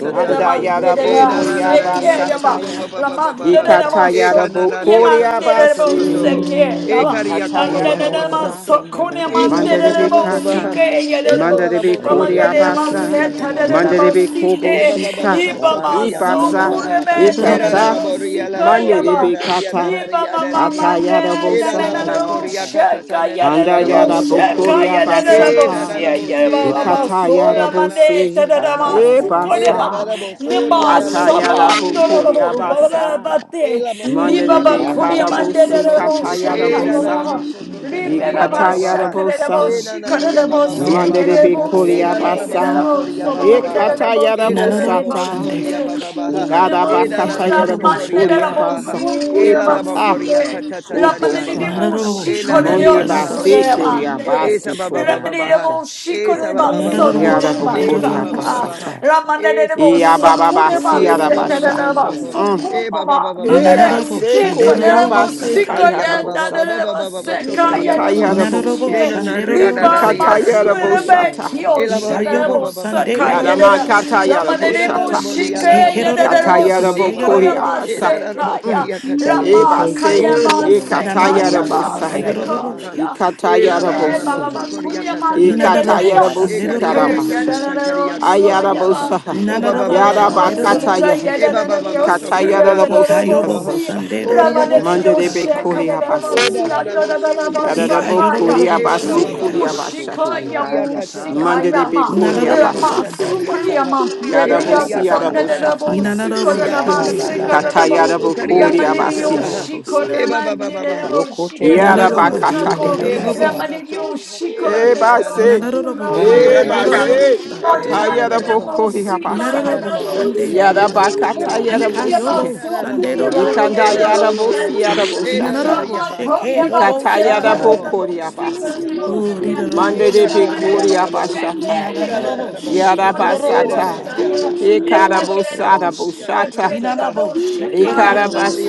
Speaker 7: Roko tobo
Speaker 5: Andayada
Speaker 7: siki
Speaker 5: bokoria
Speaker 7: yanana
Speaker 1: Sekeya,
Speaker 7: basaka.
Speaker 5: basataya.
Speaker 1: la
Speaker 5: Ye
Speaker 1: mande de la
Speaker 7: Araba
Speaker 5: katayada
Speaker 1: mosso
Speaker 7: saka.
Speaker 1: cunie
Speaker 5: bokoria
Speaker 1: mande de bonse
Speaker 5: basi.
Speaker 1: che
Speaker 7: Oh God.
Speaker 1: ande
Speaker 5: Atayada
Speaker 1: de la
Speaker 7: Ayarada
Speaker 5: bosa.
Speaker 1: mosso
Speaker 7: basanda da
Speaker 1: cunie
Speaker 7: da da
Speaker 1: mande
Speaker 5: Manda
Speaker 1: de
Speaker 5: de
Speaker 7: basa.
Speaker 1: la
Speaker 5: be
Speaker 1: bossi
Speaker 5: kata,
Speaker 1: che de
Speaker 5: manda
Speaker 1: bo
Speaker 5: de be
Speaker 1: la
Speaker 5: kori
Speaker 7: Robo
Speaker 1: magare la
Speaker 7: siki
Speaker 5: abasa,
Speaker 1: massetta de
Speaker 7: yanana
Speaker 1: la
Speaker 5: manda de be
Speaker 7: basaka.
Speaker 5: kobo
Speaker 4: E
Speaker 1: bossite
Speaker 4: ba ba
Speaker 2: Nakerabo
Speaker 4: ba ba
Speaker 5: shita,
Speaker 1: iba
Speaker 7: Araba
Speaker 4: sokaria ba
Speaker 7: saka
Speaker 4: ba
Speaker 1: masso
Speaker 4: ba
Speaker 7: da
Speaker 4: ba
Speaker 5: ibasa,
Speaker 7: da
Speaker 1: cure
Speaker 4: ha.
Speaker 7: da da
Speaker 2: shandeka,
Speaker 7: da
Speaker 1: me
Speaker 7: da
Speaker 1: de
Speaker 4: Era
Speaker 2: narabo
Speaker 1: la
Speaker 4: la
Speaker 7: robo
Speaker 5: ikata,
Speaker 4: la
Speaker 2: shaka.
Speaker 4: boria
Speaker 1: bossi
Speaker 7: siki.
Speaker 4: la la
Speaker 1: che
Speaker 5: manda de
Speaker 4: boria
Speaker 1: ba
Speaker 5: be
Speaker 4: ria la la
Speaker 5: kata,
Speaker 1: Nima
Speaker 4: ria ra ria.
Speaker 1: mama
Speaker 5: ata yada
Speaker 1: mande na
Speaker 4: Era
Speaker 1: na
Speaker 4: la la
Speaker 1: na na
Speaker 5: bosa,
Speaker 1: na
Speaker 7: Hayada
Speaker 4: bocoria
Speaker 1: shaka
Speaker 7: basaka.
Speaker 4: catatana
Speaker 1: ya
Speaker 4: na
Speaker 1: na
Speaker 4: na
Speaker 5: anda
Speaker 1: na
Speaker 4: ya la
Speaker 1: na
Speaker 5: yada
Speaker 7: Roko tobo
Speaker 4: bosoto.
Speaker 5: bokori
Speaker 1: shaka ya na
Speaker 7: siki
Speaker 1: na
Speaker 4: E
Speaker 1: na
Speaker 4: da
Speaker 5: abasata,
Speaker 7: yanana
Speaker 4: da
Speaker 1: sia ya
Speaker 7: basaka.
Speaker 4: bose
Speaker 1: ba
Speaker 4: da da
Speaker 1: ba
Speaker 4: la
Speaker 5: ikata yada
Speaker 4: bose
Speaker 1: sola
Speaker 4: da da la
Speaker 1: mande ta na
Speaker 5: bosi,
Speaker 4: bosota
Speaker 1: na
Speaker 4: ta
Speaker 7: Anda
Speaker 1: ma
Speaker 4: ha.
Speaker 7: da da da da
Speaker 1: suko
Speaker 4: E
Speaker 1: de
Speaker 7: basa
Speaker 1: ba
Speaker 5: ibasa,
Speaker 7: ka.
Speaker 1: ne
Speaker 4: bosoria
Speaker 1: ba
Speaker 4: la la
Speaker 7: Orokoto
Speaker 5: ata
Speaker 4: la
Speaker 5: yada
Speaker 4: bore
Speaker 1: sabando
Speaker 7: bosiki
Speaker 4: de dia
Speaker 1: na na
Speaker 5: bokori
Speaker 4: sa da
Speaker 7: ikanda da
Speaker 1: ba
Speaker 7: da da
Speaker 1: ba
Speaker 7: da
Speaker 1: ba
Speaker 5: abasa,
Speaker 4: E
Speaker 7: basa.
Speaker 1: te li
Speaker 4: mocana
Speaker 5: manda
Speaker 1: ba
Speaker 5: de
Speaker 4: na
Speaker 1: ba
Speaker 5: be
Speaker 4: ria la
Speaker 1: kuri
Speaker 7: Aranda
Speaker 4: la
Speaker 5: kata
Speaker 1: mande
Speaker 4: bosoto
Speaker 7: baso
Speaker 1: na
Speaker 5: bosi,
Speaker 4: ho.
Speaker 1: na na
Speaker 5: kata
Speaker 7: koto
Speaker 5: yada
Speaker 4: E
Speaker 1: shaka
Speaker 7: dororo
Speaker 4: da
Speaker 1: ya
Speaker 4: da
Speaker 1: na
Speaker 4: la
Speaker 1: na
Speaker 5: bosa,
Speaker 7: bosiki
Speaker 4: bosoto
Speaker 1: li
Speaker 7: yana da
Speaker 1: ba ba
Speaker 4: totoria
Speaker 7: da da
Speaker 4: ba
Speaker 1: ba
Speaker 5: ikata
Speaker 4: ba ba
Speaker 5: yada
Speaker 7: basa
Speaker 4: ha.
Speaker 1: shaka na
Speaker 7: ka.
Speaker 1: na ba
Speaker 4: E
Speaker 5: bosa.
Speaker 4: na na
Speaker 1: shika na
Speaker 4: ria
Speaker 1: na
Speaker 4: ba
Speaker 1: ba
Speaker 4: ba ba
Speaker 7: Ha
Speaker 4: ba
Speaker 1: sia
Speaker 4: ba
Speaker 5: Mande
Speaker 1: ya
Speaker 5: de
Speaker 4: ha.
Speaker 1: na na
Speaker 7: da
Speaker 1: ba
Speaker 7: da da
Speaker 4: E
Speaker 5: Bikuria
Speaker 7: da
Speaker 4: da
Speaker 7: da
Speaker 4: da
Speaker 1: sike
Speaker 4: la
Speaker 1: ya na
Speaker 7: basa
Speaker 1: na
Speaker 5: Basa.
Speaker 7: ka.
Speaker 1: ba
Speaker 4: bosocoria
Speaker 7: Anda
Speaker 1: so
Speaker 7: da
Speaker 4: ba
Speaker 7: da
Speaker 4: ba
Speaker 1: ba
Speaker 7: da
Speaker 4: ba
Speaker 7: da
Speaker 1: na
Speaker 7: da
Speaker 1: na
Speaker 5: Ekata
Speaker 1: ba
Speaker 7: boso.
Speaker 1: sike
Speaker 5: Yarabo
Speaker 1: na na
Speaker 2: Inarabo
Speaker 4: Edarabo
Speaker 1: ba
Speaker 5: Sata.
Speaker 2: shandeka,
Speaker 4: Sokoria
Speaker 1: sike de
Speaker 4: Bababaha.
Speaker 7: Ina na
Speaker 5: Dada
Speaker 7: na
Speaker 5: Bakata
Speaker 7: boso
Speaker 4: Edarabo
Speaker 2: ekerabo
Speaker 5: Yarabo
Speaker 7: koto
Speaker 1: de
Speaker 4: Sokoria
Speaker 1: la
Speaker 5: Kuria
Speaker 2: shandeka.
Speaker 7: bosiki
Speaker 1: boca
Speaker 4: Bababaha.
Speaker 7: ya
Speaker 5: Basa.
Speaker 7: da da
Speaker 1: con el
Speaker 4: Elalabo
Speaker 7: basa.
Speaker 5: Ekata
Speaker 4: Koria baba baha. Ela labokoria
Speaker 1: bolsite la manda
Speaker 4: Katatataria
Speaker 7: Aya
Speaker 1: de
Speaker 5: Ubosha.
Speaker 7: da
Speaker 4: Babaha.
Speaker 7: da da
Speaker 2: Narabo
Speaker 1: bolsi con
Speaker 7: basa.
Speaker 1: el
Speaker 2: shande,
Speaker 5: Mondi
Speaker 4: Elararia
Speaker 2: narabo
Speaker 1: oso de
Speaker 4: Lalabo
Speaker 5: Basi
Speaker 1: la
Speaker 7: Ina
Speaker 2: sika.
Speaker 7: na na
Speaker 4: Hosehe.
Speaker 5: Kuria
Speaker 7: na da
Speaker 1: manda
Speaker 4: Esa
Speaker 5: Basi
Speaker 7: bose.
Speaker 1: la manda
Speaker 5: Kuria
Speaker 1: de
Speaker 4: Bababaha.
Speaker 5: Basha.
Speaker 1: bolsi con
Speaker 4: Esa
Speaker 1: el
Speaker 7: Rokoto
Speaker 1: bolso
Speaker 4: Bababaha.
Speaker 2: Narabo
Speaker 1: con el
Speaker 7: bosiki
Speaker 5: Yarabo
Speaker 2: shande,
Speaker 4: Esa
Speaker 5: Kuria
Speaker 7: ikanda
Speaker 2: narabo
Speaker 7: da
Speaker 2: robos.
Speaker 7: da
Speaker 1: bolsaca
Speaker 7: da da
Speaker 4: Bababaha.
Speaker 5: Basata.
Speaker 1: la
Speaker 7: basa.
Speaker 1: manda de
Speaker 4: Esa
Speaker 1: bolso
Speaker 5: Iababa
Speaker 4: Bababaha.
Speaker 1: con el
Speaker 5: Basi
Speaker 4: E
Speaker 7: Rokoto
Speaker 1: bolsete de la
Speaker 5: Yarabasha.
Speaker 4: Bababaha
Speaker 7: bosiki
Speaker 1: mama
Speaker 7: yana na
Speaker 4: Soho.
Speaker 7: na
Speaker 5: Mm.
Speaker 7: na
Speaker 4: E
Speaker 7: basa.
Speaker 5: E
Speaker 4: Bababaha
Speaker 2: Inarabo
Speaker 5: Basi
Speaker 2: shande,
Speaker 5: Kuria
Speaker 2: narabo
Speaker 4: Oh,
Speaker 5: Basi
Speaker 2: saka.
Speaker 4: Baba
Speaker 7: Anadadadabasaka.
Speaker 5: Tayarabosa.
Speaker 4: Baba Baba Sokaria
Speaker 7: Arokotobo
Speaker 4: Baba
Speaker 7: siki.
Speaker 2: Narabo
Speaker 5: Atayaraboshi.
Speaker 4: Lena
Speaker 6: Thank
Speaker 2: shande,
Speaker 6: you.
Speaker 4: Naria
Speaker 2: narabo
Speaker 1: Liba
Speaker 2: s-
Speaker 4: Daria
Speaker 5: Ikata
Speaker 7: Rokotobo
Speaker 4: Daria
Speaker 5: Yarabo
Speaker 7: siki
Speaker 4: Bariaba
Speaker 1: Masuelebe
Speaker 5: Shata.
Speaker 1: Kyo
Speaker 6: Thank you.
Speaker 7: anananabasaka
Speaker 4: Elaboria
Speaker 2: Ikayobo
Speaker 7: taba.
Speaker 4: Baba
Speaker 1: Shadarabo
Speaker 4: Baba
Speaker 2: sande,
Speaker 7: Randa
Speaker 4: Sokaria
Speaker 2: narabo
Speaker 1: Sakayeda
Speaker 5: Yaramakata
Speaker 4: Katata
Speaker 2: shaka.
Speaker 7: dadadadabasa.
Speaker 4: Ida
Speaker 1: Ramanebo
Speaker 5: Yarabo
Speaker 4: Laboria
Speaker 1: Shike,
Speaker 4: Lalabo
Speaker 5: Ikataya
Speaker 7: Rakataba
Speaker 2: Ekerabo
Speaker 1: Yadero
Speaker 4: Sekaria
Speaker 7: soko
Speaker 4: Baba
Speaker 2: sika,
Speaker 1: Siko
Speaker 4: Baba
Speaker 5: Ikatayarabokori
Speaker 2: yarabo
Speaker 1: Rama
Speaker 7: nananabase.
Speaker 4: Ida
Speaker 5: abasa.
Speaker 2: shaka.
Speaker 5: Mm.
Speaker 1: Sekaya,
Speaker 4: Rabokaria
Speaker 7: Thank
Speaker 4: Katata
Speaker 7: you,
Speaker 1: Rama
Speaker 7: thank you,
Speaker 5: Ebase.
Speaker 7: thank you,
Speaker 4: Oria
Speaker 1: Kayama
Speaker 4: Mama
Speaker 7: Lord.
Speaker 4: Mama
Speaker 2: Inarabo
Speaker 1: Sekaya,
Speaker 4: Soria
Speaker 1: Ba
Speaker 7: Ah,
Speaker 2: sika,
Speaker 4: Baba
Speaker 5: Ikatayarabosaya.
Speaker 4: Baba
Speaker 2: yarabo
Speaker 4: Baba
Speaker 7: dadadadadabo
Speaker 1: Sekaya,
Speaker 2: shaka.
Speaker 7: si.
Speaker 4: Ela
Speaker 1: Minde
Speaker 4: Lalabo
Speaker 5: Ikatayarabosi.
Speaker 1: Baba
Speaker 7: Nananadadabo
Speaker 4: Sokaria
Speaker 1: Kuriaman,
Speaker 7: sakataba.
Speaker 4: Katataria
Speaker 2: Inanarabo
Speaker 1: Yadero
Speaker 5: Ikatayarabosi
Speaker 4: Ekaria
Speaker 7: Radadadadabo
Speaker 2: shanderorobo
Speaker 1: Sike,
Speaker 5: karabasha.
Speaker 7: seke.
Speaker 4: Katata
Speaker 1: Yadero
Speaker 4: Kariaka Baba
Speaker 7: Randa
Speaker 4: Baba
Speaker 1: Soyama,
Speaker 5: Ayarabosa.
Speaker 4: O
Speaker 7: dadadadadabo
Speaker 4: Baba
Speaker 2: nanarorobo
Speaker 4: Baba
Speaker 7: siki
Speaker 4: Baba
Speaker 1: Ramanebo
Speaker 4: Saba.
Speaker 1: Sika,
Speaker 2: shanderorobo
Speaker 5: Yarabakataya.
Speaker 4: E
Speaker 7: kandadabasa.
Speaker 2: sika.
Speaker 4: Baba
Speaker 1: Yadero
Speaker 4: Baba
Speaker 7: Nanadadadabo
Speaker 1: Sia,
Speaker 4: Sokariaka
Speaker 7: seke.
Speaker 5: Ikatayarabosi
Speaker 1: Yadero
Speaker 2: Ikayobo
Speaker 4: Tata.
Speaker 1: Si,
Speaker 5: de
Speaker 7: Randa
Speaker 4: Oria
Speaker 2: sanderorobo
Speaker 4: kata
Speaker 1: Ramanebo
Speaker 7: dadadadabo
Speaker 4: baba
Speaker 5: Mandelebe
Speaker 2: shakad.
Speaker 4: baba
Speaker 1: Sheka,
Speaker 4: ha.
Speaker 5: kori
Speaker 7: si
Speaker 1: Yadero
Speaker 4: Eba da
Speaker 1: Sia,
Speaker 5: abasataya.
Speaker 4: da
Speaker 7: anananabasa.
Speaker 4: bosoka
Speaker 1: Yadero
Speaker 4: baba baba ha.
Speaker 1: Sakaya,
Speaker 5: Yarabokori
Speaker 2: Ikayororobo
Speaker 4: Eba
Speaker 5: abasi
Speaker 4: baba
Speaker 5: kori
Speaker 2: shandeka.
Speaker 4: baba
Speaker 1: Rupu
Speaker 4: ha.
Speaker 7: Ayanamosoko,
Speaker 5: abashataya.
Speaker 1: Shikaya,
Speaker 4: Oria
Speaker 1: Bu
Speaker 4: kata tata ha.
Speaker 5: Mandelebe
Speaker 7: Ayatabase,
Speaker 1: Sikayama.
Speaker 5: kori
Speaker 4: Oria
Speaker 2: Nanarorobo
Speaker 1: Rama
Speaker 4: kata
Speaker 5: abasataya.
Speaker 7: Adarabosaka,
Speaker 4: taria
Speaker 2: shandeka.
Speaker 4: kaha.
Speaker 1: Sukriyaman
Speaker 7: Randa
Speaker 1: Dedeya
Speaker 5: Yarabosi
Speaker 4: Ekaria
Speaker 7: da da da
Speaker 4: kata taha.
Speaker 7: Masa,
Speaker 1: Sanadarabo
Speaker 5: yaraboshataya
Speaker 2: Inanarabo
Speaker 4: Ekaria
Speaker 1: Sikodaraman
Speaker 7: Rada
Speaker 4: kata
Speaker 7: da da
Speaker 2: shandeka.
Speaker 4: tata ha.
Speaker 1: Sikodarabo
Speaker 5: Katayada
Speaker 7: Mosiki,
Speaker 4: Okaria
Speaker 7: Ina
Speaker 5: bokori
Speaker 7: na Na
Speaker 4: kata
Speaker 7: na
Speaker 5: abasi
Speaker 1: Ramanidio
Speaker 5: Katayarabokori
Speaker 4: tata ha.
Speaker 7: Robosi,
Speaker 1: Shiko
Speaker 5: abasiharabosa.
Speaker 4: Eba baba baba ha.
Speaker 1: Ramanirabo
Speaker 7: Rokoto
Speaker 4: Eba baba
Speaker 1: Shikodarabo
Speaker 7: Bosi,
Speaker 4: baba
Speaker 2: Nanarorobo
Speaker 4: ha.
Speaker 7: Ina
Speaker 1: Sako
Speaker 7: da da
Speaker 4: Eba baba
Speaker 2: shanderorobo
Speaker 5: Yarabakatayarabosa.
Speaker 7: da
Speaker 4: baba
Speaker 2: sa.
Speaker 4: so.
Speaker 1: Ramanidio Shiko
Speaker 4: Eba ria da da
Speaker 1: Radarabo
Speaker 4: da
Speaker 5: Ebase.
Speaker 4: ba.
Speaker 2: Inanarorobo
Speaker 1: Suraba
Speaker 7: Aya
Speaker 2: sika
Speaker 4: Era
Speaker 7: da
Speaker 4: da
Speaker 7: da da
Speaker 2: yororobo
Speaker 5: Ebase.
Speaker 7: Masa,
Speaker 2: shakad.
Speaker 4: da
Speaker 7: Ikanda
Speaker 4: ba
Speaker 7: da
Speaker 4: ha.
Speaker 7: da
Speaker 1: Ramanidio
Speaker 5: Katayarabokori
Speaker 1: Shiko
Speaker 7: Robosoko,
Speaker 5: abasaya.
Speaker 2: Inanarorobo
Speaker 4: Erararabaha.
Speaker 1: Radarabo Sera
Speaker 2: sandekad.
Speaker 4: Erarariyabaha.
Speaker 1: Ramanidio
Speaker 5: Yarabakatayarabosia.
Speaker 2: Ikayobo
Speaker 4: Erararamaha.
Speaker 7: Aya da
Speaker 2: sanderorobo
Speaker 7: da
Speaker 2: sha.
Speaker 1: Sokuriyamanirabo
Speaker 7: Basaka,
Speaker 4: Enanalamona.
Speaker 1: Sera
Speaker 3: Thank you.
Speaker 5: Ikandayarabosiyaraboshata.
Speaker 2: Inanarorobo
Speaker 4: Enanariyabaha.
Speaker 2: shake
Speaker 1: Ramakoyaman
Speaker 2: dobo
Speaker 7: Aya
Speaker 2: sakad.
Speaker 4: Orialalaboho.
Speaker 7: da da
Speaker 1: Sikodarabo
Speaker 5: Ikatayarabokori
Speaker 7: da Ayanamosuku,
Speaker 5: abasi.
Speaker 7: Ayatabasi, da da Radadadabosiki, Inanananabosi, Rokotobosi, Hinadadada, Ayadadadabasi, Ikandadadadabosuku. Mm. Ayadadabasaka, Ayadadadadabosuku,
Speaker 1: Sikodarabo
Speaker 4: Oriababaha.
Speaker 2: Oh,
Speaker 1: Sera
Speaker 2: didorobo
Speaker 5: mande
Speaker 7: Unadadadabasa,
Speaker 2: shakad.
Speaker 1: Yamada
Speaker 5: Mandelebekori
Speaker 7: purge God.
Speaker 4: Enakariyalalaboho.
Speaker 5: abashata.
Speaker 7: Aya
Speaker 2: Inadabo
Speaker 7: da da
Speaker 4: Erarararaboho.
Speaker 2: shake
Speaker 7: Robosoko,
Speaker 2: dodorobo
Speaker 7: na Na
Speaker 5: Yarabasata.
Speaker 7: Ayatadadadabosuku,
Speaker 2: saka.
Speaker 7: Nananabasa.
Speaker 4: Eraradiakotototoho.
Speaker 7: Purge us with hyssop,
Speaker 5: Ikarabosaraboshata.
Speaker 7: of God, and
Speaker 4: Oriakatatataha.
Speaker 2: Inadabo
Speaker 7: wash us.
Speaker 2: shake
Speaker 7: Ah, na, da, da,
Speaker 2: dodorobos.
Speaker 7: da,
Speaker 5: Ikarabas-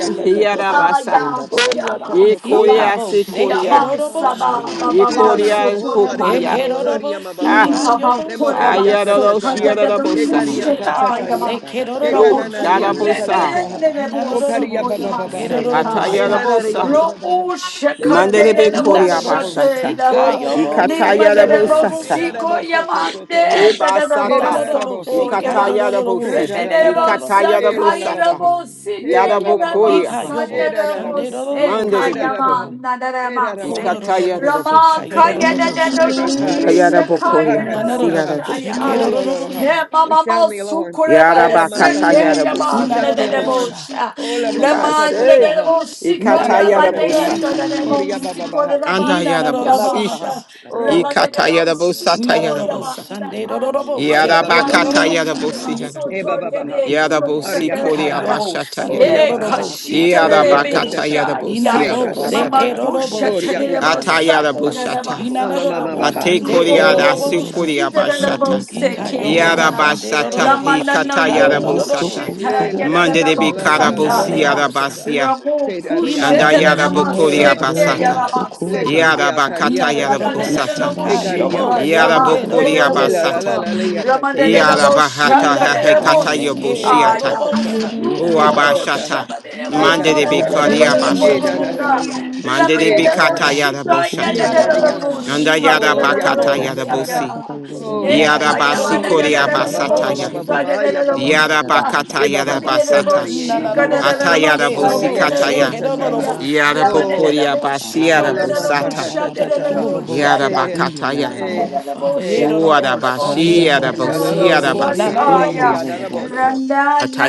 Speaker 7: si.
Speaker 1: Ah,
Speaker 7: In
Speaker 5: Yarabasaha.
Speaker 7: da,
Speaker 1: ya,
Speaker 7: da, da, da, da, da,
Speaker 1: shaba,
Speaker 7: ba,
Speaker 5: E
Speaker 4: Oriakatatataha.
Speaker 1: saba,
Speaker 5: Korea
Speaker 2: Inabo
Speaker 5: si
Speaker 1: ya,
Speaker 2: shake
Speaker 5: Korea.
Speaker 1: ma,
Speaker 4: Oria
Speaker 2: dodobo
Speaker 4: mama
Speaker 7: Ah,
Speaker 4: maha.
Speaker 1: saba,
Speaker 7: da,
Speaker 1: ba,
Speaker 7: da,
Speaker 5: E
Speaker 7: da,
Speaker 1: ba,
Speaker 2: shakada.
Speaker 4: Era
Speaker 1: ba,
Speaker 7: so,
Speaker 1: so,
Speaker 5: Korea
Speaker 7: ko, do,
Speaker 5: ho
Speaker 1: kore,
Speaker 7: da, da,
Speaker 5: Korea.
Speaker 1: man, ye,
Speaker 2: Ekedodobo
Speaker 5: Ah,
Speaker 1: li,
Speaker 7: I
Speaker 2: sika
Speaker 1: ba, ba,
Speaker 7: repent,
Speaker 2: yobo
Speaker 1: kore,
Speaker 7: Father.
Speaker 1: ba,
Speaker 7: Ah,
Speaker 2: shakada.
Speaker 1: so,
Speaker 7: da,
Speaker 5: ayararo
Speaker 7: da,
Speaker 1: ka,
Speaker 7: da,
Speaker 1: da,
Speaker 7: da,
Speaker 1: da,
Speaker 7: bo, si,
Speaker 5: shiarabosa.
Speaker 1: push it, ah,
Speaker 2: Inabo
Speaker 1: ya,
Speaker 7: da,
Speaker 1: ma,
Speaker 7: da,
Speaker 2: shake
Speaker 7: da, da, da,
Speaker 5: Uh,
Speaker 1: romo,
Speaker 2: dodorobo
Speaker 1: du,
Speaker 7: so,
Speaker 2: she.
Speaker 7: ko,
Speaker 1: le,
Speaker 7: na, na, na,
Speaker 1: me,
Speaker 5: garabosa.
Speaker 7: da, da,
Speaker 1: ne, bo, si,
Speaker 2: Inadodobo
Speaker 1: ko, ya, ma,
Speaker 2: sake
Speaker 7: da,
Speaker 1: se,
Speaker 7: da, da,
Speaker 2: dodorobo
Speaker 1: ta, ya,
Speaker 2: sha.
Speaker 7: so,
Speaker 5: Hatayarabosa.
Speaker 7: ko.
Speaker 1: romo, she, ka,
Speaker 7: Ra,
Speaker 1: ne,
Speaker 7: ba,
Speaker 1: le,
Speaker 5: Mandelebe
Speaker 7: si,
Speaker 1: bo,
Speaker 5: Korea
Speaker 1: sha,
Speaker 2: Inadodobo
Speaker 5: bashata.
Speaker 1: da,
Speaker 2: sika
Speaker 1: ba,
Speaker 2: yobo
Speaker 1: ni, ma,
Speaker 2: shake
Speaker 1: ne, le,
Speaker 7: Ah,
Speaker 1: bo,
Speaker 7: da,
Speaker 2: dodorobo
Speaker 7: da, da,
Speaker 5: Ikatayarabosata.
Speaker 1: si,
Speaker 2: sha.
Speaker 1: ko, ya,
Speaker 7: so.
Speaker 1: ma,
Speaker 4: Erarabosotototoho.
Speaker 1: de,
Speaker 5: E
Speaker 1: da, da, da, bo,
Speaker 5: basata.
Speaker 1: so,
Speaker 2: Inadodobo
Speaker 1: ko, ya,
Speaker 2: sika
Speaker 4: Erarabosotoho.
Speaker 1: ba,
Speaker 2: yodorobo
Speaker 5: Ikatayarabosi.
Speaker 1: Ramanda
Speaker 2: shake
Speaker 4: Heraralaha.
Speaker 2: dodorobo sa.
Speaker 5: Ikatayarabosata.
Speaker 4: Helalalabaha.
Speaker 7: Mm.
Speaker 5: Yarabo
Speaker 4: Helalalabaha.
Speaker 5: Korea
Speaker 2: Ika
Speaker 5: basha.
Speaker 2: yobo sunday
Speaker 4: Herararabaha.
Speaker 2: dodorobo
Speaker 5: Mandelebe
Speaker 2: sha.
Speaker 4: Herarabaha.
Speaker 5: Korea.
Speaker 4: Herarabaha.
Speaker 2: Hodorobo
Speaker 7: take all
Speaker 2: sika
Speaker 7: the
Speaker 5: Ikatayarabosata.
Speaker 7: spirit
Speaker 4: Oriakatataha.
Speaker 7: away.
Speaker 2: yororobosha.
Speaker 5: Andayarabo
Speaker 4: Tegakaritataha.
Speaker 5: Korea
Speaker 4: Hakatataha.
Speaker 2: Nanorobo
Speaker 5: basi
Speaker 2: shekerorobos.
Speaker 4: Olololaha. We sound the alarm. Ola
Speaker 5: Yarabakata
Speaker 4: masataha.
Speaker 5: yarabusi
Speaker 4: We sound the
Speaker 5: yarabasha.
Speaker 4: alarm.
Speaker 2: Nanorobosa.
Speaker 4: Ola
Speaker 5: Ubase.
Speaker 7: Thank you,
Speaker 4: makatataha.
Speaker 7: thank you, thank you,
Speaker 5: Ikata
Speaker 7: Father.
Speaker 2: Nanorobo.
Speaker 5: yarabusa
Speaker 4: Oriakatataha.
Speaker 7: Ah,
Speaker 5: taya.
Speaker 7: na, na, na, da,
Speaker 4: Oriababaha.
Speaker 7: so, ko.
Speaker 5: Anda
Speaker 2: He
Speaker 5: yarabusi.
Speaker 4: Magabaha.
Speaker 2: nanorobosa.
Speaker 4: Oh.
Speaker 5: Ikata
Speaker 7: Arabasanda da da da da
Speaker 5: yarabusa
Speaker 7: bo
Speaker 5: taya
Speaker 7: soko.
Speaker 2: Nanorobo
Speaker 5: yarabusa.
Speaker 2: Sunday
Speaker 7: Ina
Speaker 1: Ramanda
Speaker 7: na na na
Speaker 2: dororobo
Speaker 7: bo
Speaker 4: Mekaria
Speaker 1: Hallelujah.
Speaker 4: baba
Speaker 7: saka.
Speaker 5: Yarabakata
Speaker 4: babaha,
Speaker 2: shekerorobosa
Speaker 5: yarabusi
Speaker 2: God.
Speaker 5: yara.
Speaker 7: Arokoto
Speaker 4: eba
Speaker 7: bo
Speaker 4: babaha,
Speaker 7: siki ya na na na
Speaker 5: Yarabusi
Speaker 4: aria
Speaker 7: na
Speaker 5: kori
Speaker 7: ba
Speaker 2: Ika
Speaker 4: babaha,
Speaker 7: saka.
Speaker 2: yobo
Speaker 5: abashata taya
Speaker 2: Sunday
Speaker 4: oria
Speaker 5: yarabusi.
Speaker 4: baha,
Speaker 2: dororobos.
Speaker 7: Rabasata da da
Speaker 2: God.
Speaker 4: oria
Speaker 7: da da
Speaker 5: Yarabakata
Speaker 4: katataha,
Speaker 7: saka.
Speaker 5: yarabusi
Speaker 4: reka
Speaker 2: Inabo
Speaker 7: Rada
Speaker 5: yarabusa.
Speaker 7: da
Speaker 1: Mama
Speaker 2: seke
Speaker 7: da
Speaker 4: sakataha,
Speaker 7: da da bo
Speaker 2: dorobo
Speaker 1: Kusha
Speaker 4: oria
Speaker 7: soko na
Speaker 2: sheka.
Speaker 7: na
Speaker 5: Ata
Speaker 7: na
Speaker 4: katataha,
Speaker 7: na na
Speaker 6: Pero
Speaker 7: ba
Speaker 6: no
Speaker 5: yarabushata.
Speaker 7: saka.
Speaker 6: confundir,
Speaker 1: Tadabasata.
Speaker 4: amamama
Speaker 2: Inadorobo
Speaker 4: baha.
Speaker 5: Ate
Speaker 2: Sunday
Speaker 6: gracias.
Speaker 5: kori
Speaker 7: Rabasoko to to
Speaker 4: Oh,
Speaker 7: da
Speaker 5: arasu
Speaker 7: da
Speaker 2: dororobos.
Speaker 5: kori
Speaker 1: Shita
Speaker 6: Blessing
Speaker 1: da
Speaker 7: siki
Speaker 1: da
Speaker 4: oh,
Speaker 1: bo
Speaker 5: abashata.
Speaker 7: ika da
Speaker 2: Ika
Speaker 6: that
Speaker 7: da
Speaker 1: seke
Speaker 7: da
Speaker 6: it
Speaker 4: oh,
Speaker 1: ya
Speaker 2: yobo
Speaker 6: is
Speaker 1: da da ma.
Speaker 2: Sunday
Speaker 5: Yarabasata,
Speaker 4: oh.
Speaker 1: La ma
Speaker 2: dororobo
Speaker 1: na na
Speaker 5: Hikata
Speaker 2: shika
Speaker 1: no
Speaker 4: Oh,
Speaker 2: yororobo
Speaker 5: Yarabosata,
Speaker 7: Nabasoko to
Speaker 4: le
Speaker 1: kushita ya
Speaker 7: bo
Speaker 4: la
Speaker 2: sikada.
Speaker 1: da
Speaker 4: la
Speaker 1: da
Speaker 4: la la
Speaker 1: da
Speaker 4: la
Speaker 5: Mandebe
Speaker 1: bo
Speaker 7: siki
Speaker 4: la
Speaker 7: ya na
Speaker 4: la
Speaker 7: na
Speaker 4: la
Speaker 7: na
Speaker 4: la
Speaker 7: na
Speaker 1: sata
Speaker 4: la
Speaker 7: na
Speaker 5: Karabosi
Speaker 4: ha
Speaker 1: ya.
Speaker 2: Nanorobo
Speaker 4: sa ta ta
Speaker 2: si.
Speaker 4: ha.
Speaker 5: Yarabasia,
Speaker 1: Ramo
Speaker 4: Se da
Speaker 2: He
Speaker 4: ria
Speaker 5: and
Speaker 2: not
Speaker 4: ka
Speaker 2: a
Speaker 4: ta.
Speaker 1: kushita
Speaker 2: bo
Speaker 1: da da ma
Speaker 7: Haya
Speaker 4: O
Speaker 5: Ayarabokori
Speaker 4: la ma ka
Speaker 1: seke
Speaker 2: shekedorobosa
Speaker 1: ya
Speaker 4: ria
Speaker 7: sasarebu
Speaker 5: Abasata,
Speaker 1: da
Speaker 4: ha.
Speaker 1: ma
Speaker 2: God.
Speaker 7: soko
Speaker 4: Le
Speaker 7: na na
Speaker 4: kan
Speaker 7: na
Speaker 1: seta.
Speaker 7: na
Speaker 4: ria ka
Speaker 7: gasa.
Speaker 5: Yarabakata
Speaker 4: ria
Speaker 2: Not a
Speaker 4: ka ta
Speaker 2: robo
Speaker 4: ta ha.
Speaker 5: Yarabosata,
Speaker 7: Ikanda
Speaker 1: Ramanda
Speaker 4: E
Speaker 7: na
Speaker 2: shika
Speaker 7: na
Speaker 4: ka
Speaker 7: na
Speaker 4: ria
Speaker 7: bo
Speaker 2: yobo
Speaker 1: Shika
Speaker 4: ka ta
Speaker 1: da
Speaker 7: soko
Speaker 4: ta ta
Speaker 7: to
Speaker 4: ha.
Speaker 1: da
Speaker 7: to to
Speaker 1: da
Speaker 5: Yarabokori
Speaker 7: to
Speaker 4: Le la la
Speaker 2: sekedorobosa.
Speaker 4: la
Speaker 5: Abasata,
Speaker 4: la la ya ka ta ta ha. E ka
Speaker 2: Not
Speaker 4: ta
Speaker 5: Yarabahata
Speaker 2: a
Speaker 4: ta
Speaker 2: bo
Speaker 4: ta
Speaker 7: Ana
Speaker 4: ha.
Speaker 5: Hekata
Speaker 7: na na na
Speaker 4: E
Speaker 7: bo
Speaker 4: ka
Speaker 7: si.
Speaker 4: ta
Speaker 5: Yoboshiata,
Speaker 4: ta ta
Speaker 2: shekedorobos.
Speaker 4: ha.
Speaker 7: Ira
Speaker 5: O
Speaker 7: da
Speaker 4: E
Speaker 7: da
Speaker 3: Thank
Speaker 4: ka ta ta
Speaker 7: basaka.
Speaker 4: ha.
Speaker 5: Abashata,
Speaker 4: E ka
Speaker 7: Roko
Speaker 4: ta
Speaker 7: to
Speaker 2: Inanabo
Speaker 5: Mandebe
Speaker 4: ta ha.
Speaker 7: bo
Speaker 5: Kori
Speaker 7: na
Speaker 4: E
Speaker 7: na
Speaker 4: da
Speaker 5: Abashata,
Speaker 7: na
Speaker 4: da da
Speaker 2: shekedorobosa.
Speaker 4: da ya.
Speaker 7: basa.
Speaker 4: Se
Speaker 5: Mandebe
Speaker 4: da da
Speaker 5: Kata
Speaker 7: Ataba
Speaker 4: da.
Speaker 7: soko
Speaker 5: Yaraboshata,
Speaker 4: E
Speaker 7: na na
Speaker 4: sa
Speaker 1: da,
Speaker 4: ria
Speaker 2: Nanabo
Speaker 4: ha.
Speaker 7: basa.
Speaker 5: and
Speaker 4: O ria ka
Speaker 5: Ayarabakata
Speaker 4: ta ta
Speaker 7: Rabasa
Speaker 4: ta
Speaker 2: shekedorobosi.
Speaker 4: ha.
Speaker 7: ta
Speaker 5: Yarabosi,
Speaker 7: ta ta to bo
Speaker 4: Oh.
Speaker 2: Hika
Speaker 7: siki.
Speaker 3: you.
Speaker 5: Yarabasi
Speaker 4: Oh,
Speaker 2: yodorobo
Speaker 5: Kori
Speaker 7: Yanda
Speaker 4: yakata
Speaker 2: shande
Speaker 7: da
Speaker 4: baba
Speaker 7: da da
Speaker 4: ba
Speaker 7: da
Speaker 4: ba
Speaker 5: Abasata
Speaker 4: ba
Speaker 7: da
Speaker 4: ba
Speaker 2: dorobos.
Speaker 4: ba
Speaker 7: bo
Speaker 4: ba ya ba ba ba
Speaker 7: na
Speaker 4: ba
Speaker 7: da
Speaker 4: ha.
Speaker 7: da da
Speaker 5: Yarabakata
Speaker 4: E ba,
Speaker 7: basa.
Speaker 4: baba
Speaker 5: Yarabasata.
Speaker 4: sokari ye de di ya
Speaker 2: Nanabo
Speaker 4: ha.
Speaker 7: Arambasa kata
Speaker 1: Masa
Speaker 4: Oh,
Speaker 7: bo
Speaker 1: da
Speaker 2: sekedobo
Speaker 1: da da da,
Speaker 7: soko
Speaker 4: yakata
Speaker 5: Atayarabusikataya.
Speaker 7: na
Speaker 4: ta
Speaker 7: na
Speaker 1: Yeah,
Speaker 4: ta
Speaker 7: na
Speaker 4: ha.
Speaker 1: yeah.
Speaker 2: shekedorobosa
Speaker 7: basa.
Speaker 1: Ramanda
Speaker 4: Oh,
Speaker 2: God.
Speaker 5: Yarabokoria
Speaker 1: Robo shiko
Speaker 4: oh la
Speaker 1: da
Speaker 7: Arabasanda
Speaker 4: masaka
Speaker 5: Basiarabusata.
Speaker 7: da
Speaker 4: ta
Speaker 7: da
Speaker 4: ta
Speaker 7: da da
Speaker 4: ta
Speaker 7: da
Speaker 4: ha.
Speaker 2: Oh
Speaker 7: robo
Speaker 2: God.
Speaker 4: Hey,
Speaker 7: siki na na na
Speaker 5: Yarabakataya.
Speaker 7: na
Speaker 4: hey,
Speaker 2: Oh,
Speaker 7: basa.
Speaker 2: Father,
Speaker 4: hey.
Speaker 2: Hedorobo, Sunday,
Speaker 5: Uarabashi
Speaker 7: Haya
Speaker 2: God.
Speaker 4: Moria la
Speaker 7: shara
Speaker 5: Arabosi
Speaker 4: la la
Speaker 7: robo
Speaker 2: He
Speaker 4: moria
Speaker 5: Arabasa.
Speaker 4: le
Speaker 7: soko
Speaker 4: le
Speaker 7: na
Speaker 4: di
Speaker 7: na
Speaker 2: nanadorobos,
Speaker 7: na
Speaker 4: ada
Speaker 7: na
Speaker 4: la
Speaker 7: basa.
Speaker 4: bororo.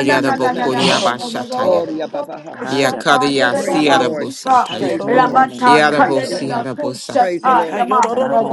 Speaker 4: Ne na na na na ha.
Speaker 2: Ekedorobosha.
Speaker 5: Bashataya.
Speaker 4: Oh, ya ba ba ha.
Speaker 7: Haya ta da
Speaker 5: Yakaria
Speaker 7: robo
Speaker 4: Praise the Lord.
Speaker 7: soko.
Speaker 2: Hinanabosika
Speaker 5: Siarabusataya.
Speaker 4: Praise the
Speaker 7: Ikan na
Speaker 4: Lord.
Speaker 7: na na
Speaker 2: yororobosha,
Speaker 7: na
Speaker 2: God.
Speaker 4: Praise the
Speaker 7: basa
Speaker 5: Yarabosi
Speaker 4: Lord.
Speaker 7: ka.
Speaker 5: Arabusa.
Speaker 4: Praise the
Speaker 2: Ika
Speaker 4: Lord.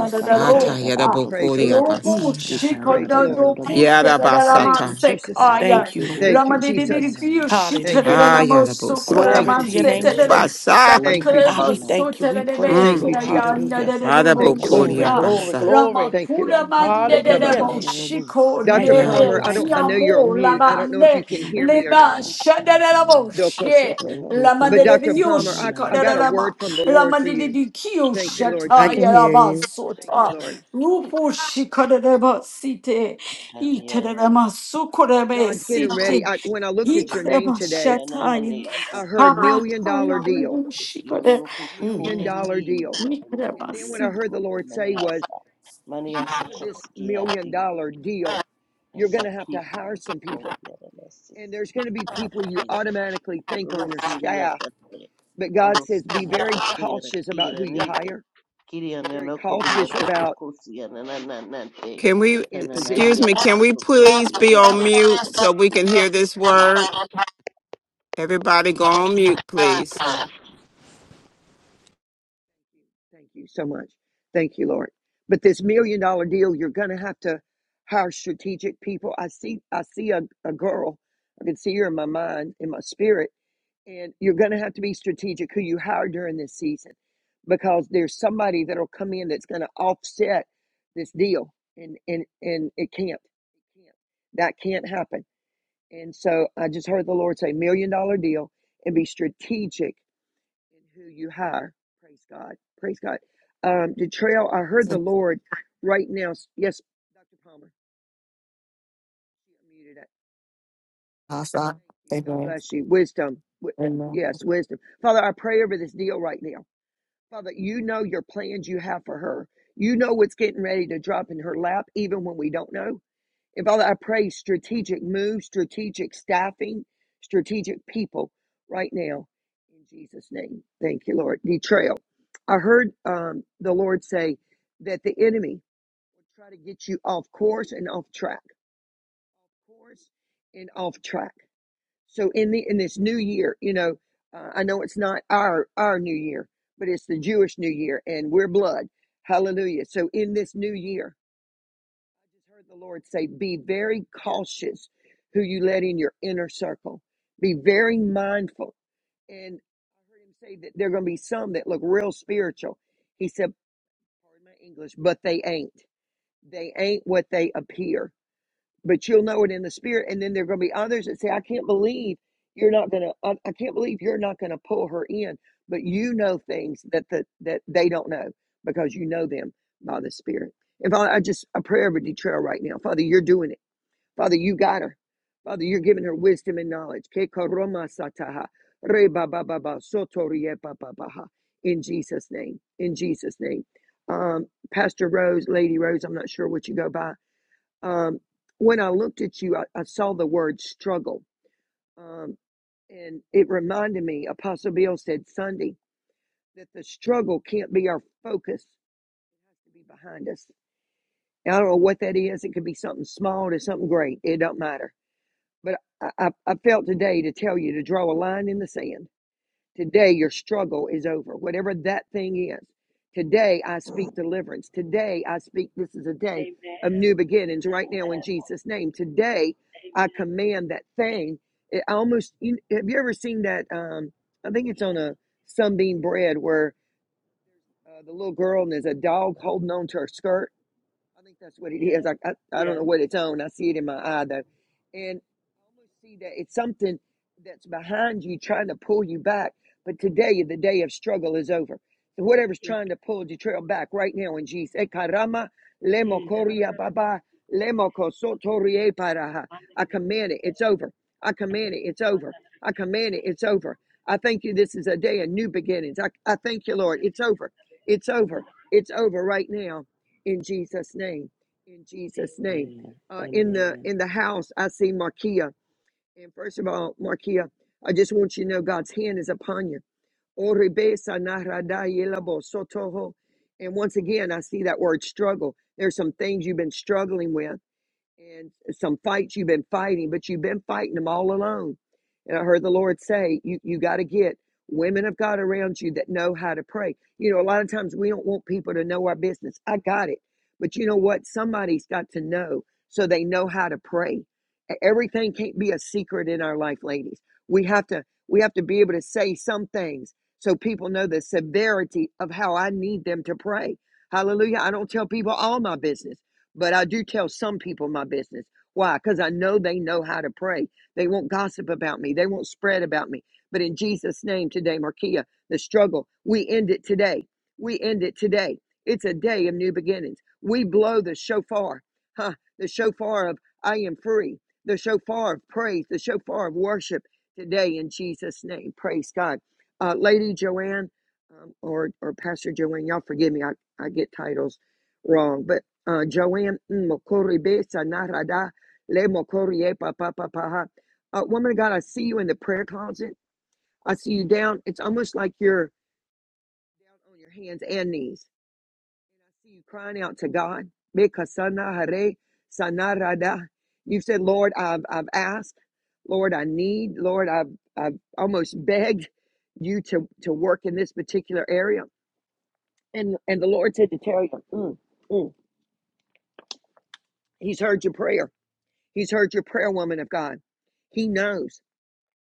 Speaker 4: Praise the Lord.
Speaker 7: kanda da da robo
Speaker 4: Praise the
Speaker 5: Atayarabokoria
Speaker 4: Lord.
Speaker 7: soko.
Speaker 2: Mm, God.
Speaker 5: Basataya.
Speaker 7: Ikan da
Speaker 4: Praise the
Speaker 7: da da da
Speaker 4: Lord.
Speaker 1: do
Speaker 7: robo
Speaker 2: Thank you,
Speaker 1: kuse
Speaker 2: Lord.
Speaker 1: da da
Speaker 7: sakata.
Speaker 1: raman
Speaker 4: Thank you,
Speaker 5: Yarabasata.
Speaker 4: Jesus.
Speaker 7: Roko
Speaker 1: sekaya.
Speaker 2: Thank you, Lord.
Speaker 7: tobo
Speaker 4: Thank you,
Speaker 1: Ramadi
Speaker 7: siki
Speaker 1: di
Speaker 7: na
Speaker 1: di
Speaker 7: na
Speaker 1: di
Speaker 4: Jesus.
Speaker 7: na
Speaker 1: di
Speaker 7: na
Speaker 1: yo
Speaker 4: Thank
Speaker 1: shite da
Speaker 4: you,
Speaker 7: basa.
Speaker 1: da
Speaker 2: Hallelujah.
Speaker 1: raman
Speaker 4: Jesus.
Speaker 1: sokore
Speaker 4: Thank
Speaker 2: Glory
Speaker 7: Ya
Speaker 5: Ayarabusata.
Speaker 4: you,
Speaker 1: raman
Speaker 2: to your
Speaker 7: na na
Speaker 2: name,
Speaker 7: na
Speaker 4: Jesus.
Speaker 1: sete
Speaker 7: robo
Speaker 2: Jesus.
Speaker 5: Basa.
Speaker 7: soko
Speaker 4: Thank
Speaker 7: na
Speaker 4: you,
Speaker 7: na na
Speaker 2: God, we
Speaker 7: na
Speaker 4: Jesus.
Speaker 2: thank you. We
Speaker 7: basi.
Speaker 2: praise you,
Speaker 4: Thank
Speaker 5: Mm.
Speaker 4: you,
Speaker 2: Lord.
Speaker 4: Jesus.
Speaker 2: Hallelujah.
Speaker 7: Rababasa
Speaker 4: Thank
Speaker 7: kanda
Speaker 4: you,
Speaker 7: da
Speaker 4: Lord.
Speaker 7: da
Speaker 2: Glory,
Speaker 5: Marabokoria
Speaker 7: robo
Speaker 2: glory,
Speaker 5: Basa.
Speaker 7: sa.
Speaker 2: glory.
Speaker 4: Thank you,
Speaker 1: Ramakura
Speaker 4: Lord.
Speaker 7: Ra
Speaker 1: mande
Speaker 7: ra ra
Speaker 1: de
Speaker 7: ra
Speaker 1: de
Speaker 7: ra
Speaker 2: Hallelujah,
Speaker 7: ra
Speaker 4: Dababaha.
Speaker 2: Jesus.
Speaker 7: robo
Speaker 1: boshiko
Speaker 7: sa.
Speaker 4: Dr.
Speaker 2: Thank you,
Speaker 5: Yeah, the
Speaker 2: Lord.
Speaker 4: Palmer,
Speaker 1: lebe
Speaker 4: I don't
Speaker 2: Thank
Speaker 4: I
Speaker 5: bosa.
Speaker 4: know you're on
Speaker 1: kiamo
Speaker 4: mute. I don't know if
Speaker 1: labande
Speaker 4: you can
Speaker 7: Yananarabosiki,
Speaker 4: hear me or
Speaker 1: leba
Speaker 4: not.
Speaker 1: shanda de la
Speaker 7: yananarabasahaya.
Speaker 1: boshe
Speaker 4: Dokosotoho. But
Speaker 1: lamande de de
Speaker 4: Dr.
Speaker 7: Rokotobosiki,
Speaker 4: Palmer, I,
Speaker 1: yoshiko
Speaker 4: I
Speaker 1: de de
Speaker 4: got a
Speaker 1: lama
Speaker 4: word from
Speaker 7: yananaraboso.
Speaker 4: the Lord for
Speaker 1: lamande de
Speaker 4: you.
Speaker 1: de kiyo
Speaker 4: Thank you,
Speaker 7: Thank you,
Speaker 4: Lord
Speaker 9: I
Speaker 1: shata
Speaker 9: can
Speaker 7: Lord.
Speaker 9: hear
Speaker 4: Jesus.
Speaker 1: yaraba
Speaker 9: you.
Speaker 4: Thank you,
Speaker 1: sota
Speaker 4: Lord.
Speaker 1: rupo
Speaker 4: Thank you,
Speaker 1: shiko
Speaker 4: Lord.
Speaker 1: de de
Speaker 4: Thank you,
Speaker 1: basite
Speaker 4: Lord.
Speaker 7: Thank you,
Speaker 1: ite
Speaker 7: Lord.
Speaker 1: de lama
Speaker 4: I
Speaker 1: suko
Speaker 4: feel
Speaker 1: de
Speaker 4: like
Speaker 1: be
Speaker 4: God's getting ready.
Speaker 1: site
Speaker 4: I, when I looked at your name
Speaker 1: ikreba
Speaker 4: today,
Speaker 1: shataya
Speaker 4: um, I heard
Speaker 1: Abba,
Speaker 4: million dollar
Speaker 1: Kaya,
Speaker 4: deal.
Speaker 1: Rubu, Shikode,
Speaker 4: I heard
Speaker 2: you. Mm.
Speaker 4: million dollar deal
Speaker 6: Yororo
Speaker 4: And then
Speaker 6: kumbiri
Speaker 4: what
Speaker 1: Mikrabas,
Speaker 4: I heard
Speaker 6: yatuko
Speaker 4: the Lord
Speaker 6: kumane
Speaker 4: say was,
Speaker 6: yasa mane
Speaker 4: because of
Speaker 6: yasoko
Speaker 4: this million
Speaker 6: sikiyati
Speaker 4: dollar deal, you're
Speaker 6: Yes,
Speaker 4: going
Speaker 6: I
Speaker 4: to have to
Speaker 6: keep the
Speaker 4: hire
Speaker 6: little
Speaker 4: some
Speaker 6: gold
Speaker 4: people.
Speaker 6: yet and I see.
Speaker 4: And there's going to be people you
Speaker 6: Thank you.
Speaker 4: automatically think
Speaker 6: little
Speaker 4: on your
Speaker 6: city at
Speaker 4: staff.
Speaker 6: the fair.
Speaker 4: But God
Speaker 6: Little
Speaker 4: says, be
Speaker 6: city at
Speaker 4: very
Speaker 6: the fair. The
Speaker 4: cautious about who
Speaker 6: theater
Speaker 4: you
Speaker 6: nita.
Speaker 4: hire,
Speaker 6: Kiri and
Speaker 4: be
Speaker 6: an
Speaker 4: very
Speaker 6: okobiri a
Speaker 4: cautious
Speaker 6: koko
Speaker 4: about
Speaker 6: kosi and an
Speaker 4: um, who
Speaker 6: ananante.
Speaker 5: Can
Speaker 4: you
Speaker 5: we,
Speaker 4: put in
Speaker 5: excuse
Speaker 6: Kananania
Speaker 4: positions.
Speaker 5: me,
Speaker 6: a
Speaker 5: can we
Speaker 6: koko
Speaker 5: please be on
Speaker 6: kondi.
Speaker 5: mute so we can hear this word? Everybody go on mute, please.
Speaker 4: Thank you so much. Thank you, Lord. But this million dollar deal, you're going to have to hire strategic people. I see, I see a, a girl. I can see her in my mind, in my spirit And you're going to have to be strategic who you hire during this season because there's somebody that'll come in that's going to offset this deal and and and it can't. It can't. That can't happen. And so I just heard the Lord say million dollar deal and be strategic in who you hire. Praise God. Praise God. Um Detrail, I heard the Lord right now. Yes, Dr. Palmer. You unmuted it.
Speaker 9: Awesome.
Speaker 4: Thank you. God
Speaker 9: Amen.
Speaker 4: bless you. Wisdom.
Speaker 9: Amen.
Speaker 4: Yes, wisdom. Father, I pray over this deal right now. Father, you know your plans you have for her. You know what's getting ready to drop in her lap, even when we don't know. And Father, I pray strategic moves, strategic staffing, strategic people right now in Jesus' name. Thank you, Lord. Betrayal. I heard um, the Lord say that the enemy will try to get you off course and off track. Off course and off track. So in the in this new year, you know, uh, I know it's not our our new year, but it's the Jewish new year, and we're blood. Hallelujah. So in this new year, I just heard the Lord say, "Be very cautious who you let in your inner circle. Be very mindful." And I heard Him say that there are going to be some that look real spiritual. He said, "Pardon my English, but they ain't. They ain't what they appear." but you'll know it in the spirit. And then there are going to be others that say, I can't believe you're not going to, I, I can't believe you're not going to pull her in. But you know things that, the, that they don't know because you know them by the spirit. And Father, I just, a prayer over Detrell right now. Father, you're doing it. Father, you got her. Father, you're giving her wisdom and knowledge. Ke sataha, re ba ba ba ba, soto ba ba ha. In Jesus' name. In Jesus' name. Um, Pastor Rose, Lady Rose, I'm not sure what you go by um, when I looked at you, I, I saw the word struggle. Um, and it reminded me, Apostle Bill said Sunday, that the struggle can't be our focus, it has to be behind us. And I don't know what that is. It could be something small to something great. It don't matter. But I, I, I felt today to tell you to draw a line in the sand Today, your struggle is over, whatever that thing is. Today, I speak deliverance. Today, I speak this is a day of new beginnings right now in Jesus' name. Today, I command that thing. It almost, you, have you ever seen that? Um, I think it's on a sunbeam bread where uh, the little girl and there's a dog holding on to her skirt I think that's what it
Speaker 8: yes,
Speaker 4: is. I, I, I don't
Speaker 8: yes,
Speaker 4: know what it's on. I see it in my eye though. And I almost see that it's something that's behind you trying to pull you back. But today, the day of struggle is over. So whatever's
Speaker 8: yes,
Speaker 4: trying to pull the trail back right now in Jesus. Eh,
Speaker 8: hey,
Speaker 4: I
Speaker 8: Mandareo, Mandareo,
Speaker 4: command it, it's over. I command it, it's over. I command it, it's over. I thank you. This is a day of new beginnings. I, I thank you, Lord. It's over. It's over. It's over right now in Jesus' name. In Jesus' name.
Speaker 7: Amen.
Speaker 4: Uh, in the
Speaker 7: Amen.
Speaker 4: in the house, I see Markia. And first of all, Markia, I just want you to know God's hand is upon you. Oribesa narada yelabo sotoho. And once again, I see that word struggle. There's some things you've been struggling with and some fights you've been fighting, but you've been fighting them all alone. And I heard the Lord say, you, you got to get women of God around you that know how to pray. You know, a lot of times we don't want people to know our business. I got it. But you know what? Somebody's got to know so they know how to pray. E- Everything can't be a secret in our life, ladies. We have to we have to be able to say some things so people know the severity of how I need them to pray. Hallelujah. I don't tell people all my business but I do tell some people my business. Why? Because I know they know how to pray. They won't gossip about me, they won't spread about me. But in Jesus' name today, Markia, the struggle, we end it today. We end it today. It's a day of new beginnings. We blow the shofar, huh? the shofar of I am free, the shofar of praise, the shofar of worship today in Jesus' name. Praise God. Uh, Lady Joanne um, or, or Pastor Joanne, y'all forgive me, I, I get titles wrong. but uh, Joanne Mokoribe Sanarada Le Mokorie Papa Papaha. Uh, woman of God, I see you in the prayer closet. I see you down. It's almost like you're down on your hands and knees. And I see you crying out to God. Bekasana Hare Sanarada. You've said, Lord, I've, I've asked. Lord, I need. Lord, I've, I've almost begged you to, to work in this particular area. And, and the Lord said to tell you, mm, mm, He's heard your prayer. He's heard your prayer, woman of God. He knows.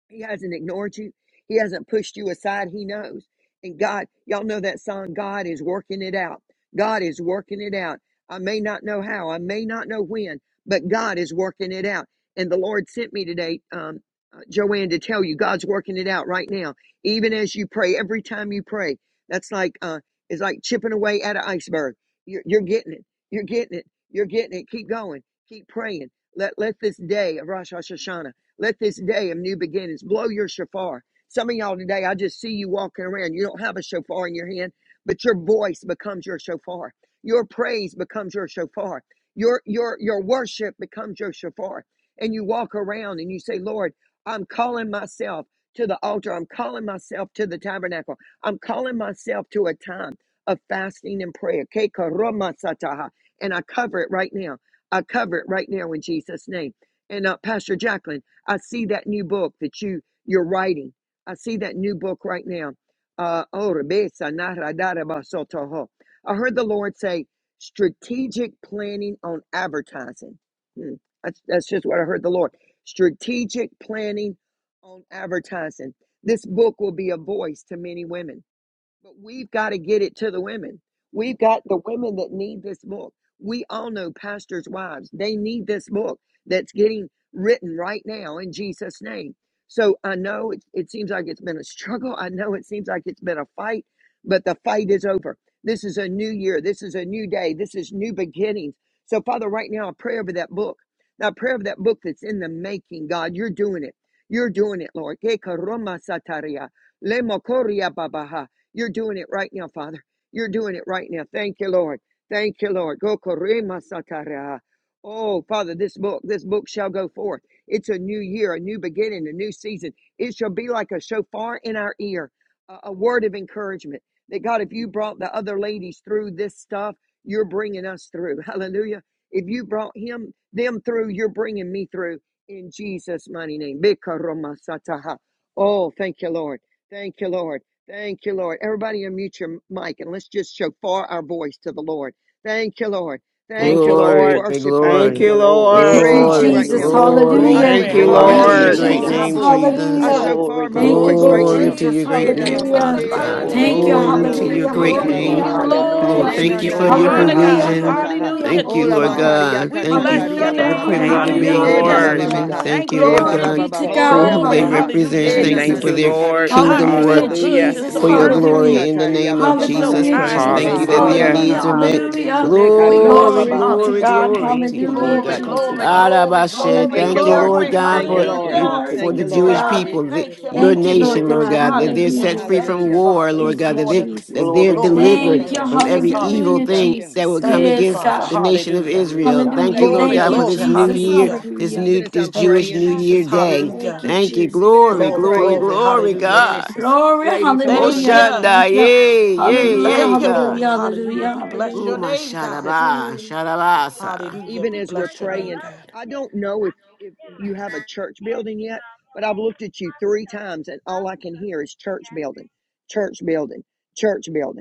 Speaker 4: He hasn't ignored you. He hasn't pushed you aside. He knows. And God, y'all know that song, God is working it out. God is working it out. I may not know how, I may not know when, but God is working it out. And the Lord sent me today, um, uh, Joanne, to tell you God's working it out right now. Even as you pray, every time you pray, that's like, uh, it's like chipping away at an iceberg. You're, you're getting it. You're getting it. You're getting it. Keep going. Keep praying. Let, let this day of Rosh Hashanah let this day of new beginnings blow your shofar. Some of y'all today, I just see you walking around. You don't have a shofar in your hand, but your voice becomes your shofar. Your praise becomes your shofar. Your your your worship becomes your shofar. And you walk around and you say, Lord, I'm calling myself to the altar. I'm calling myself to the tabernacle. I'm calling myself to a time of fasting and prayer. Ke karoma sataha. And I cover it right now. I cover it right now in Jesus' name. And uh, Pastor Jacqueline, I see that new book that you you're writing. I see that new book right now. Uh, oh, Rebesa, Nara, Dara, I heard the Lord say strategic planning on advertising. Hmm. That's, that's just what I heard the Lord. Strategic planning on advertising. This book will be a voice to many women. But we've got to get it to the women. We've got the women that need this book. We all know pastors' wives. They need this book that's getting written right now in Jesus' name. So I know it, it seems like it's been a struggle. I know it seems like it's been a fight, but the fight is over. This is a new year. This is a new day. This is new beginnings. So, Father, right now, I pray over that book. Now, I pray over that book that's in the making, God. You're doing it. You're doing it, Lord. You're doing it right now, Father. You're doing it right now. Thank you, Lord. Thank you, Lord. Go korema satara. Oh, Father, this book, this book shall go forth. It's a new year, a new beginning, a new season. It shall be like a shofar in our ear, a, a word of encouragement. That God, if you brought the other ladies through this stuff, you're bringing us through. [LAUGHS] Hallelujah. If you brought him, them through, you're bringing me through in Jesus' mighty name. Bikaroma sataha. Oh, thank you, Lord. Thank you, Lord. Thank you, Lord. Everybody unmute your mic and let's just show far our voice to the Lord. Thank you, Lord. Thank
Speaker 5: Thank you,
Speaker 4: you, Lord. We
Speaker 10: Glory,
Speaker 5: Lord.
Speaker 4: worship you right
Speaker 5: Thank
Speaker 7: Thank
Speaker 10: glory,
Speaker 5: you,
Speaker 7: you,
Speaker 4: now.
Speaker 7: Lord.
Speaker 4: We
Speaker 5: Lord.
Speaker 1: Thank you,
Speaker 4: praise you
Speaker 10: glory,
Speaker 4: right
Speaker 1: Jesus.
Speaker 4: now,
Speaker 7: Hallelujah.
Speaker 4: Lord.
Speaker 10: glory,
Speaker 4: I
Speaker 1: Hallelujah.
Speaker 5: Thank
Speaker 2: Glory.
Speaker 4: thank you,
Speaker 5: you,
Speaker 8: Mandareo,
Speaker 10: glory
Speaker 4: Lord. I
Speaker 10: to
Speaker 1: Thank you,
Speaker 10: your
Speaker 4: show
Speaker 5: Lord.
Speaker 2: Hallelujah.
Speaker 10: great
Speaker 4: far
Speaker 7: Hallelujah.
Speaker 4: my
Speaker 2: God,
Speaker 1: Jesus.
Speaker 10: name,
Speaker 2: we
Speaker 4: voice.
Speaker 2: thank
Speaker 10: Jesus.
Speaker 4: I
Speaker 1: Hallelujah.
Speaker 2: you.
Speaker 4: show
Speaker 7: Glory,
Speaker 4: far my
Speaker 1: Thank
Speaker 7: glory,
Speaker 1: you,
Speaker 2: Lord,
Speaker 4: voice
Speaker 2: we
Speaker 1: Lord
Speaker 4: right
Speaker 10: Glory
Speaker 4: now.
Speaker 7: glory.
Speaker 10: to
Speaker 1: Jesus.
Speaker 2: praise
Speaker 10: your
Speaker 2: you.
Speaker 4: Eh,
Speaker 10: great
Speaker 4: da
Speaker 2: We
Speaker 10: name,
Speaker 4: la mo
Speaker 1: Hallelujah.
Speaker 10: Father
Speaker 4: se,
Speaker 2: magnify
Speaker 4: da
Speaker 2: your
Speaker 4: da
Speaker 10: God.
Speaker 4: bo
Speaker 7: Glory,
Speaker 2: name,
Speaker 1: Thank you.
Speaker 4: se,
Speaker 7: glory,
Speaker 4: da
Speaker 2: God.
Speaker 10: Glory
Speaker 4: da
Speaker 10: to
Speaker 4: bo
Speaker 7: glory.
Speaker 10: your
Speaker 1: Hallelujah.
Speaker 4: se,
Speaker 10: great
Speaker 5: Thank
Speaker 2: Lord,
Speaker 4: da
Speaker 5: you,
Speaker 2: we
Speaker 4: da bo
Speaker 2: give
Speaker 10: name.
Speaker 1: Hallelujah.
Speaker 2: you
Speaker 5: Lord.
Speaker 10: Lord,
Speaker 1: Hallelujah.
Speaker 2: glory.
Speaker 4: Le
Speaker 5: Thank
Speaker 7: Hallelujah.
Speaker 2: We
Speaker 10: thank
Speaker 4: na
Speaker 5: you,
Speaker 10: you
Speaker 2: give
Speaker 4: na
Speaker 10: for
Speaker 2: you
Speaker 4: na
Speaker 10: your
Speaker 5: Lord.
Speaker 2: honor,
Speaker 4: haria
Speaker 1: Hallelujah.
Speaker 4: ta
Speaker 2: God.
Speaker 4: ta
Speaker 10: provision.
Speaker 4: ta ha.
Speaker 7: Hallelujah.
Speaker 1: Hallelujah.
Speaker 2: Hallelujah.
Speaker 10: Thank
Speaker 7: Thank you,
Speaker 10: you,
Speaker 4: Ola
Speaker 10: Lord
Speaker 1: Hallelujah.
Speaker 7: Father.
Speaker 4: makaria
Speaker 10: God.
Speaker 4: ka
Speaker 2: We
Speaker 4: ta
Speaker 10: Thank
Speaker 4: ta
Speaker 10: you
Speaker 2: bless your
Speaker 4: ria
Speaker 10: for
Speaker 1: Hallelujah.
Speaker 4: ba
Speaker 10: the
Speaker 7: Thank
Speaker 4: ba
Speaker 7: you,
Speaker 2: name.
Speaker 4: ba ha.
Speaker 10: privilege
Speaker 5: Thank
Speaker 10: of
Speaker 5: you,
Speaker 7: Father.
Speaker 1: Hallelujah.
Speaker 10: being with
Speaker 4: Eh
Speaker 7: We
Speaker 4: ba
Speaker 10: these
Speaker 2: Hallelujah.
Speaker 4: ba
Speaker 5: Lord.
Speaker 4: ba
Speaker 7: bless you,
Speaker 1: Hallelujah.
Speaker 4: ba
Speaker 10: women.
Speaker 4: ha.
Speaker 7: God.
Speaker 10: Thank
Speaker 2: Thank
Speaker 10: you,
Speaker 2: you,
Speaker 4: Eh
Speaker 10: Lord
Speaker 4: ba
Speaker 1: Glory
Speaker 2: Lord.
Speaker 4: ba
Speaker 10: God,
Speaker 1: be
Speaker 4: ba ba
Speaker 1: to
Speaker 7: Thank
Speaker 10: for
Speaker 7: you,
Speaker 1: God.
Speaker 4: horia
Speaker 10: who
Speaker 4: ba
Speaker 2: Glory.
Speaker 10: they
Speaker 4: ba ha.
Speaker 7: Jesus.
Speaker 1: Hallelujah,
Speaker 2: Hallelujah,
Speaker 10: represent.
Speaker 4: Eh
Speaker 5: And
Speaker 4: na
Speaker 7: Thank
Speaker 10: Thank you
Speaker 7: you,
Speaker 4: na
Speaker 5: thank
Speaker 2: Jesus.
Speaker 10: for
Speaker 1: Jesus.
Speaker 5: you,
Speaker 4: na
Speaker 8: Mandareo,
Speaker 4: na
Speaker 10: their
Speaker 7: Jesus.
Speaker 5: Lord.
Speaker 4: haria ta
Speaker 10: kingdom
Speaker 2: God,
Speaker 4: ta
Speaker 2: you're
Speaker 4: ta
Speaker 10: work
Speaker 1: Hallelujah,
Speaker 2: so
Speaker 4: ha.
Speaker 2: good.
Speaker 5: Hallelujah.
Speaker 2: You're
Speaker 7: Thank
Speaker 1: Jesus.
Speaker 7: you,
Speaker 2: so
Speaker 10: for
Speaker 4: Ola
Speaker 10: your
Speaker 7: Jesus.
Speaker 1: Hallelujah.
Speaker 10: glory
Speaker 2: merciful.
Speaker 10: in the
Speaker 4: makasataria
Speaker 10: name of
Speaker 2: You're so
Speaker 4: bababaha.
Speaker 10: Jesus
Speaker 1: Hallelujah,
Speaker 7: Thank
Speaker 2: kind,
Speaker 10: Christ.
Speaker 2: oh
Speaker 7: you,
Speaker 4: Mm.
Speaker 10: Thank
Speaker 1: Jesus.
Speaker 10: you
Speaker 2: God.
Speaker 10: that
Speaker 7: Jesus.
Speaker 10: their
Speaker 5: Hallelujah.
Speaker 1: Hallelujah.
Speaker 4: Abababaha.
Speaker 10: needs
Speaker 2: Hallelujah.
Speaker 10: are met.
Speaker 1: Hallelujah.
Speaker 7: Hallelujah.
Speaker 2: We
Speaker 4: Mekaria
Speaker 2: bless
Speaker 10: Glory,
Speaker 2: you.
Speaker 1: Glory be
Speaker 4: bababaha.
Speaker 1: to
Speaker 10: glory,
Speaker 2: Hallelujah.
Speaker 1: God.
Speaker 10: glory
Speaker 7: Thank
Speaker 10: to
Speaker 7: you,
Speaker 10: you, Lord
Speaker 1: Hallelujah,
Speaker 7: thank you,
Speaker 2: Glory,
Speaker 10: God.
Speaker 7: thank you,
Speaker 1: Jesus.
Speaker 2: glory,
Speaker 8: Mandareo,
Speaker 10: God
Speaker 7: Father.
Speaker 2: glory,
Speaker 10: Abashe,
Speaker 2: glory,
Speaker 8: Mandareo,
Speaker 4: Thank you,
Speaker 10: thank you,
Speaker 1: Hallelujah.
Speaker 4: Lord.
Speaker 10: Lord
Speaker 2: glory.
Speaker 7: Ah,
Speaker 10: God,
Speaker 4: Thank you,
Speaker 10: for
Speaker 1: Hallelujah.
Speaker 7: thank you,
Speaker 4: Lord.
Speaker 10: your
Speaker 2: Hallelujah.
Speaker 7: thank
Speaker 1: Glory
Speaker 7: you,
Speaker 10: for
Speaker 4: Thank
Speaker 1: be
Speaker 10: the
Speaker 4: you,
Speaker 7: thank
Speaker 1: to
Speaker 7: you,
Speaker 10: Jewish
Speaker 4: Lord.
Speaker 7: Father.
Speaker 8: Thank
Speaker 2: God,
Speaker 1: God.
Speaker 2: we
Speaker 8: you,
Speaker 10: people, the,
Speaker 2: thank you,
Speaker 10: your
Speaker 1: Thank
Speaker 4: Hallelujah.
Speaker 2: Lord.
Speaker 1: you, Lord
Speaker 10: nation,
Speaker 7: Glory
Speaker 10: Lord
Speaker 7: to
Speaker 1: God.
Speaker 7: your
Speaker 10: God, that
Speaker 4: Hallelujah.
Speaker 7: name,
Speaker 10: they're
Speaker 2: Hallelujah.
Speaker 10: set
Speaker 2: We
Speaker 7: God.
Speaker 1: Hallelujah.
Speaker 10: free
Speaker 2: thank
Speaker 10: from
Speaker 2: you,
Speaker 4: Hallelujah.
Speaker 10: war,
Speaker 2: Father,
Speaker 10: Lord
Speaker 1: Thank
Speaker 2: this
Speaker 10: God,
Speaker 1: you,
Speaker 10: that they
Speaker 2: morning.
Speaker 1: Jesus.
Speaker 10: that they're
Speaker 7: Glory
Speaker 4: Hallelujah.
Speaker 7: to
Speaker 2: Glory
Speaker 7: your
Speaker 2: to your
Speaker 10: delivered
Speaker 7: name,
Speaker 1: Thank
Speaker 4: Thank
Speaker 1: you.
Speaker 2: name,
Speaker 4: you.
Speaker 7: God.
Speaker 10: from
Speaker 4: Thank
Speaker 2: Jesus.
Speaker 10: every
Speaker 4: you.
Speaker 10: evil
Speaker 1: Hallelujah,
Speaker 2: Hallelujah.
Speaker 4: Thank
Speaker 10: thing
Speaker 4: you.
Speaker 10: that
Speaker 1: Jesus.
Speaker 10: would come
Speaker 2: Thank
Speaker 4: Thank
Speaker 2: you,
Speaker 1: Yes,
Speaker 4: you.
Speaker 10: against
Speaker 2: Father.
Speaker 1: God.
Speaker 10: the nation of
Speaker 2: Hallelujah.
Speaker 4: Thank you.
Speaker 7: Yes,
Speaker 4: Lord.
Speaker 10: Israel.
Speaker 7: God.
Speaker 10: Thank
Speaker 1: Hallelujah.
Speaker 10: you,
Speaker 4: Lady
Speaker 10: Lord
Speaker 8: God.
Speaker 2: Glory,
Speaker 1: Thank
Speaker 10: God,
Speaker 1: you,
Speaker 10: for
Speaker 4: Phyllis.
Speaker 2: glory.
Speaker 10: this new
Speaker 1: Jesus.
Speaker 10: year,
Speaker 4: Lady
Speaker 2: Hallelujah.
Speaker 4: Phyllis.
Speaker 10: this
Speaker 1: Hallelujah.
Speaker 4: Even
Speaker 10: new
Speaker 4: as
Speaker 10: this
Speaker 4: I'm
Speaker 2: Thank you,
Speaker 10: Jewish
Speaker 4: praying,
Speaker 10: New Year
Speaker 2: Jesus.
Speaker 10: day.
Speaker 1: Thank
Speaker 2: Hallelujah.
Speaker 1: you,
Speaker 10: Thank
Speaker 4: even
Speaker 10: you.
Speaker 1: Jesus.
Speaker 4: even as
Speaker 10: Glory,
Speaker 4: I'm
Speaker 2: Glory,
Speaker 10: glory,
Speaker 4: praying,
Speaker 2: glory.
Speaker 10: glory,
Speaker 4: hold up a
Speaker 2: Hallelujah,
Speaker 4: minute.
Speaker 10: God.
Speaker 2: Jesus.
Speaker 1: Glory.
Speaker 4: Ladies, hold
Speaker 10: Oh
Speaker 8: Thank
Speaker 4: up a
Speaker 8: you,
Speaker 2: Thank
Speaker 7: Thank
Speaker 1: Hallelujah.
Speaker 4: minute.
Speaker 7: you.
Speaker 2: you.
Speaker 8: God.
Speaker 1: Thank you.
Speaker 7: Thank you,
Speaker 10: yay,
Speaker 4: Thank you,
Speaker 10: yay,
Speaker 4: Jesus.
Speaker 1: Hallelujah.
Speaker 10: yay,
Speaker 2: Thank you,
Speaker 10: God.
Speaker 2: Lord.
Speaker 1: Hallelujah.
Speaker 2: Hallelujah.
Speaker 1: Hallelujah.
Speaker 2: We
Speaker 8: Hallelujah.
Speaker 2: bless
Speaker 10: Oh
Speaker 4: Thank
Speaker 2: your
Speaker 1: Hallelujah.
Speaker 4: you,
Speaker 10: my
Speaker 4: Lord
Speaker 2: name, God.
Speaker 4: Jesus.
Speaker 10: Shadaba,
Speaker 1: Hmm.
Speaker 4: Lady
Speaker 10: Shadabasa.
Speaker 4: Phyllis,
Speaker 2: Hallelujah.
Speaker 4: even
Speaker 2: We
Speaker 4: as we're
Speaker 2: bless your name,
Speaker 4: praying,
Speaker 2: God.
Speaker 4: I don't know if, if you have a church building yet, but I've looked at you three times and all I can hear is church building, church building, church building.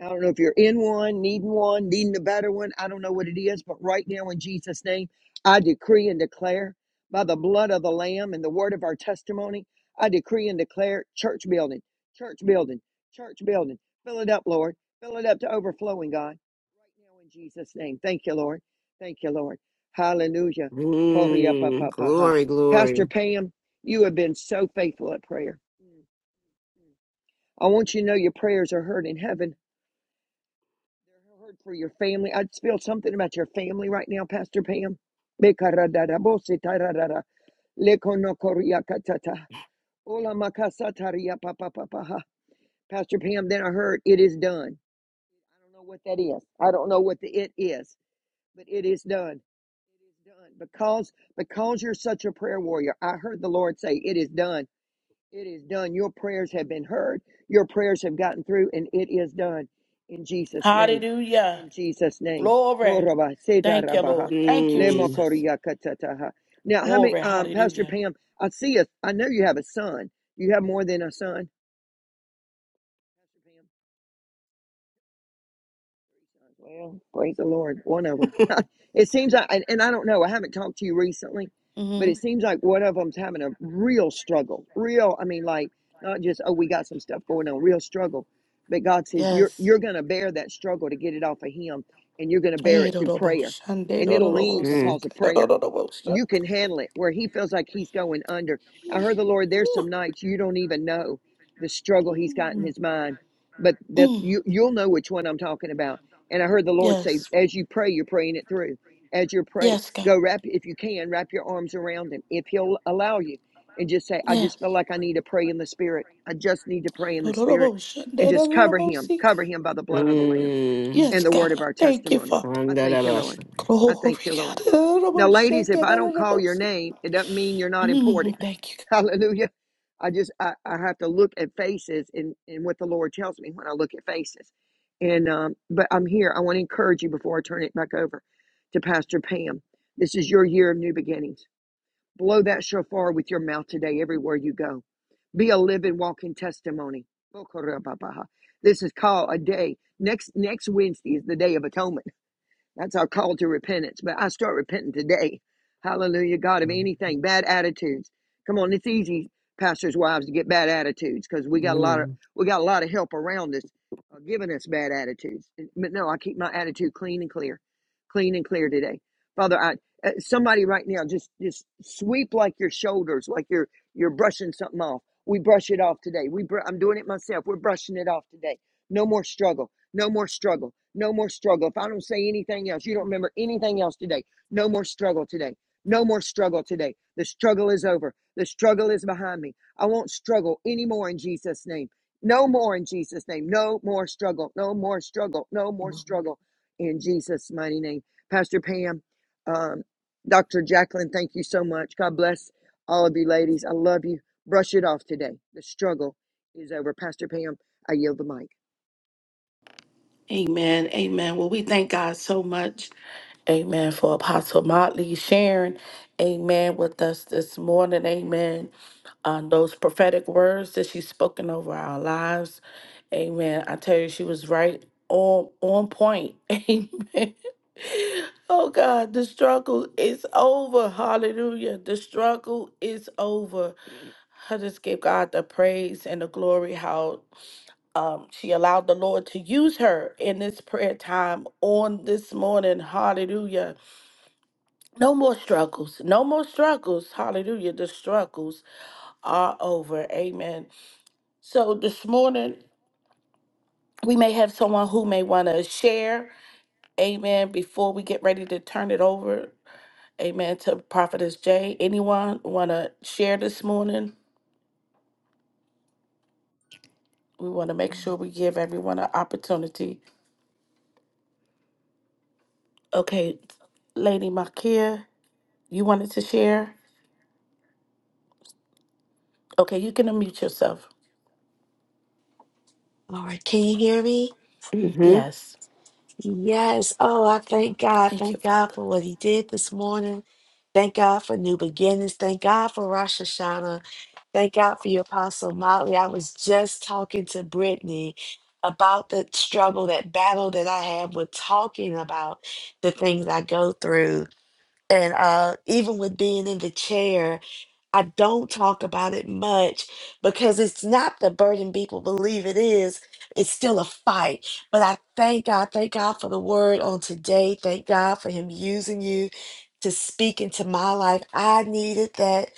Speaker 4: I don't know if you're in one, needing one, needing a better one. I don't know what it is, but right now in Jesus' name, I decree and declare by the blood of the Lamb and the word of our testimony, I decree and declare church building, church building, church building. Fill it up, Lord. Fill it up to overflowing, God. Right now in Jesus' name. Thank you, Lord. Thank you, Lord. Hallelujah.
Speaker 10: Mm,
Speaker 4: Poriapapapaha.
Speaker 10: glory,
Speaker 4: Pastor
Speaker 10: glory.
Speaker 4: Pam, you have been so faithful at prayer. I want you to know your prayers are heard in heaven there heard for your family. i feel something about your family right now, Pastor Pam. Pastor Pam, then I heard it is done. I don't know what that is. I don't know what the it is, but it is done. It is done. Because because you're such a prayer warrior, I heard the Lord say, It is done. It is done. Your prayers have been heard. Your prayers have gotten through, and it is done in Jesus' name.
Speaker 2: Hallelujah.
Speaker 4: In Jesus' name.
Speaker 2: Glory. Thank you, Lord. Thank you,
Speaker 10: Mm,
Speaker 2: Jesus.
Speaker 4: Now, how many,
Speaker 2: Glory.
Speaker 4: um,
Speaker 2: Hallelujah.
Speaker 4: Pastor Pam? I see a. I know you have a son. You have more than a son. Pastor Pam. Well, praise the Lord. One of them. [LAUGHS] it seems like, and, and I don't know, I haven't talked to you recently, but
Speaker 2: hmm
Speaker 4: it seems like one of them's having a real struggle. Real, I mean, like, not just, oh, we got some stuff going on, real struggle. But God says, you're,
Speaker 2: Yes.
Speaker 4: you're going to bear that struggle to get it off of Him, and you're going to bear it through prayer, and it'll leave
Speaker 10: mm,
Speaker 4: because of prayer. You can handle it where He feels like He's going under. I heard the Lord, there's some nights you don't even know the struggle He's got in His mind, but that
Speaker 2: Mm,
Speaker 4: you, you'll know which one I'm talking about and I heard the Lord
Speaker 2: Yes,
Speaker 4: say, as you pray, you're praying it through. As you pray,
Speaker 2: yes,
Speaker 4: go wrap, if you can, wrap your arms around him, if he'll allow you, and just say, I
Speaker 2: yes.
Speaker 4: just feel like I need to pray in the spirit. I just need to pray in the spirit and just cover him, cover him by the blood of the Lamb
Speaker 10: mm.
Speaker 4: and
Speaker 2: Yes,
Speaker 4: the word
Speaker 2: God.
Speaker 4: of our
Speaker 2: Thank you,
Speaker 4: testimony.
Speaker 2: Father.
Speaker 4: I thank you, Lord.
Speaker 10: Shandalabasha.
Speaker 4: I thank
Speaker 2: Glory,
Speaker 4: you, Lord. Now,
Speaker 2: God.
Speaker 4: ladies, if I don't call your name, it doesn't mean you're not important.
Speaker 2: Mm, Thank
Speaker 4: [LAUGHS] Hallelujah. I just I, I have to look at faces and, and what the Lord tells me when I look at faces. And um, but I'm here. I want to encourage you before I turn it back over to Pastor Pam. This is your year of new beginnings. Blow that shofar with your mouth today everywhere you go. Be a living, walking testimony. This is called a day. Next next Wednesday is the day of atonement. That's our call to repentance. But I start repenting today. Hallelujah, God, of anything, bad attitudes. Come on, it's easy, pastors' wives, to get bad attitudes because we got a lot of
Speaker 10: Mm,
Speaker 4: we got a lot of help around us uh, giving us bad attitudes. But no, I keep my attitude clean and clear, clean and clear today, Father. I uh, somebody right now just just sweep like your shoulders, like you're you're brushing something off. We brush it off today. We br- I'm doing it myself. We're brushing it off today. No more struggle. No more struggle. No more struggle. If I don't say anything else, you don't remember anything else today. No more struggle today. No more struggle today. The struggle is over. The struggle is behind me. I won't struggle anymore in Jesus' name. No more in Jesus' name. No more struggle. No more struggle. No more struggle in Jesus' mighty name. Pastor Pam, um, Dr. Jacqueline, thank you so much. God bless all of you ladies. I love you. Brush it off today. The struggle is over. Pastor Pam, I yield the mic.
Speaker 2: Amen. Amen. Well, we thank God so much. Amen. For Apostle Motley sharing, amen, with us this morning. Amen. On those prophetic words that she's spoken over our lives. Amen. I tell you, she was right on on point. [LAUGHS] Amen. Oh God, the struggle is over. Hallelujah. The struggle is over. I just give God the praise and the glory. How um, she allowed the Lord to use her in this prayer time on this morning. Hallelujah. No more struggles. No more struggles. Hallelujah. The struggles are over. Amen. So this morning, we may have someone who may want to share. Amen. Before we get ready to turn it over, amen, to Prophetess Jay. Anyone want to share this morning? We want to make sure we give everyone an opportunity. Okay, Lady Makia, you wanted to share? Okay, you can unmute yourself.
Speaker 11: Lord, can you hear me?
Speaker 10: mhm,
Speaker 2: Yes.
Speaker 11: Yes. Oh, I thank God.
Speaker 2: Thank you,
Speaker 11: Thank God
Speaker 2: Father.
Speaker 11: for what He did this morning. Thank God for new beginnings. Thank God for Rosh Hashanah. Thank God for your Apostle Motley. I was just talking to Brittany about the struggle, that battle that I have with talking about the things I go through. And uh, even with being in the chair. I don't talk about it much because it's not the burden people believe it is. It's still a fight. But I thank God, thank God for the word on today. Thank God for Him using you to speak into my life. I needed that.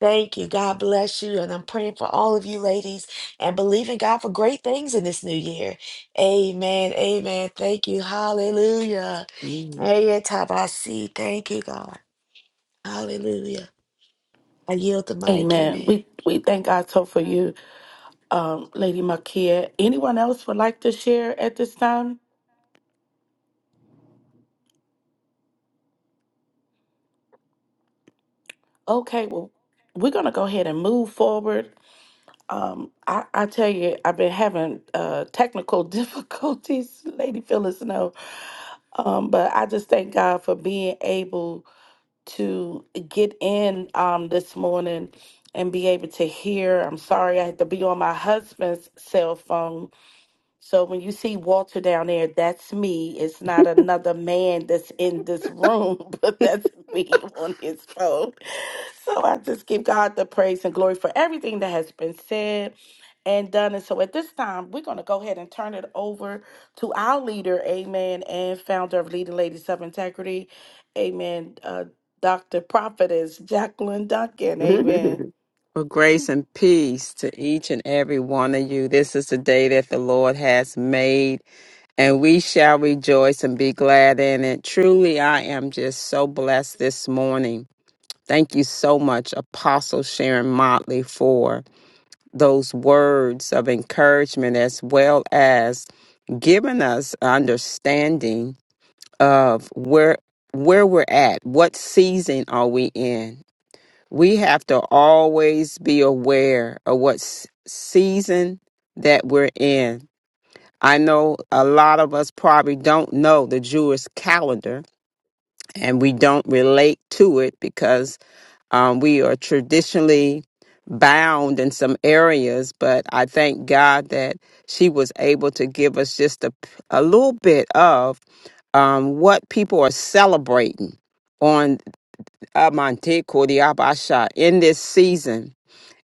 Speaker 11: Thank you. God bless you. And I'm praying for all of you ladies and believing God for great things in this new year. Amen. Amen. Thank you. Hallelujah.
Speaker 10: mm.
Speaker 11: Hey, Tabasi. Thank you, God. Hallelujah. I yield the mic.
Speaker 2: Amen.
Speaker 11: Amen.
Speaker 2: We we thank God so for you, Lady Makia. Anyone else would like to share at this time? Okay, well, we're gonna go ahead and move forward. Um, I, I tell you, I've been having uh technical [LAUGHS] difficulties, Lady Phyllis No. Um, but I just thank God for being able to get in um, this morning and be able to hear. I'm sorry I had to be on my husband's cell phone so when you see Walter down there, that's me. It's not another man that's in this room, [LAUGHS] but that's me on his phone. So I just give God the praise and glory for everything that has been said and done. And so at this time, we're going to go ahead and turn it over to our leader, amen, and founder of Leading Ladies of Integrity, amen, uh, Dr. Prophetess Jacqueline Duncan, amen.
Speaker 10: [LAUGHS]
Speaker 5: For grace and peace to each and every one of you. This is the day that the Lord has made and we shall rejoice and be glad in it. Truly, I am just so blessed this morning. Thank you so much, Apostle Sharon Motley, for those words of encouragement as well as giving us understanding of where where we're at, what season are we in. We have to always be aware of what s- season that we're in I know a lot of us probably don't know the Jewish calendar and we don't relate to it because um, we are traditionally bound in some areas. But I thank God that she was able to give us just a, a little bit of um, what people are celebrating on Amante Kordiabasha in this season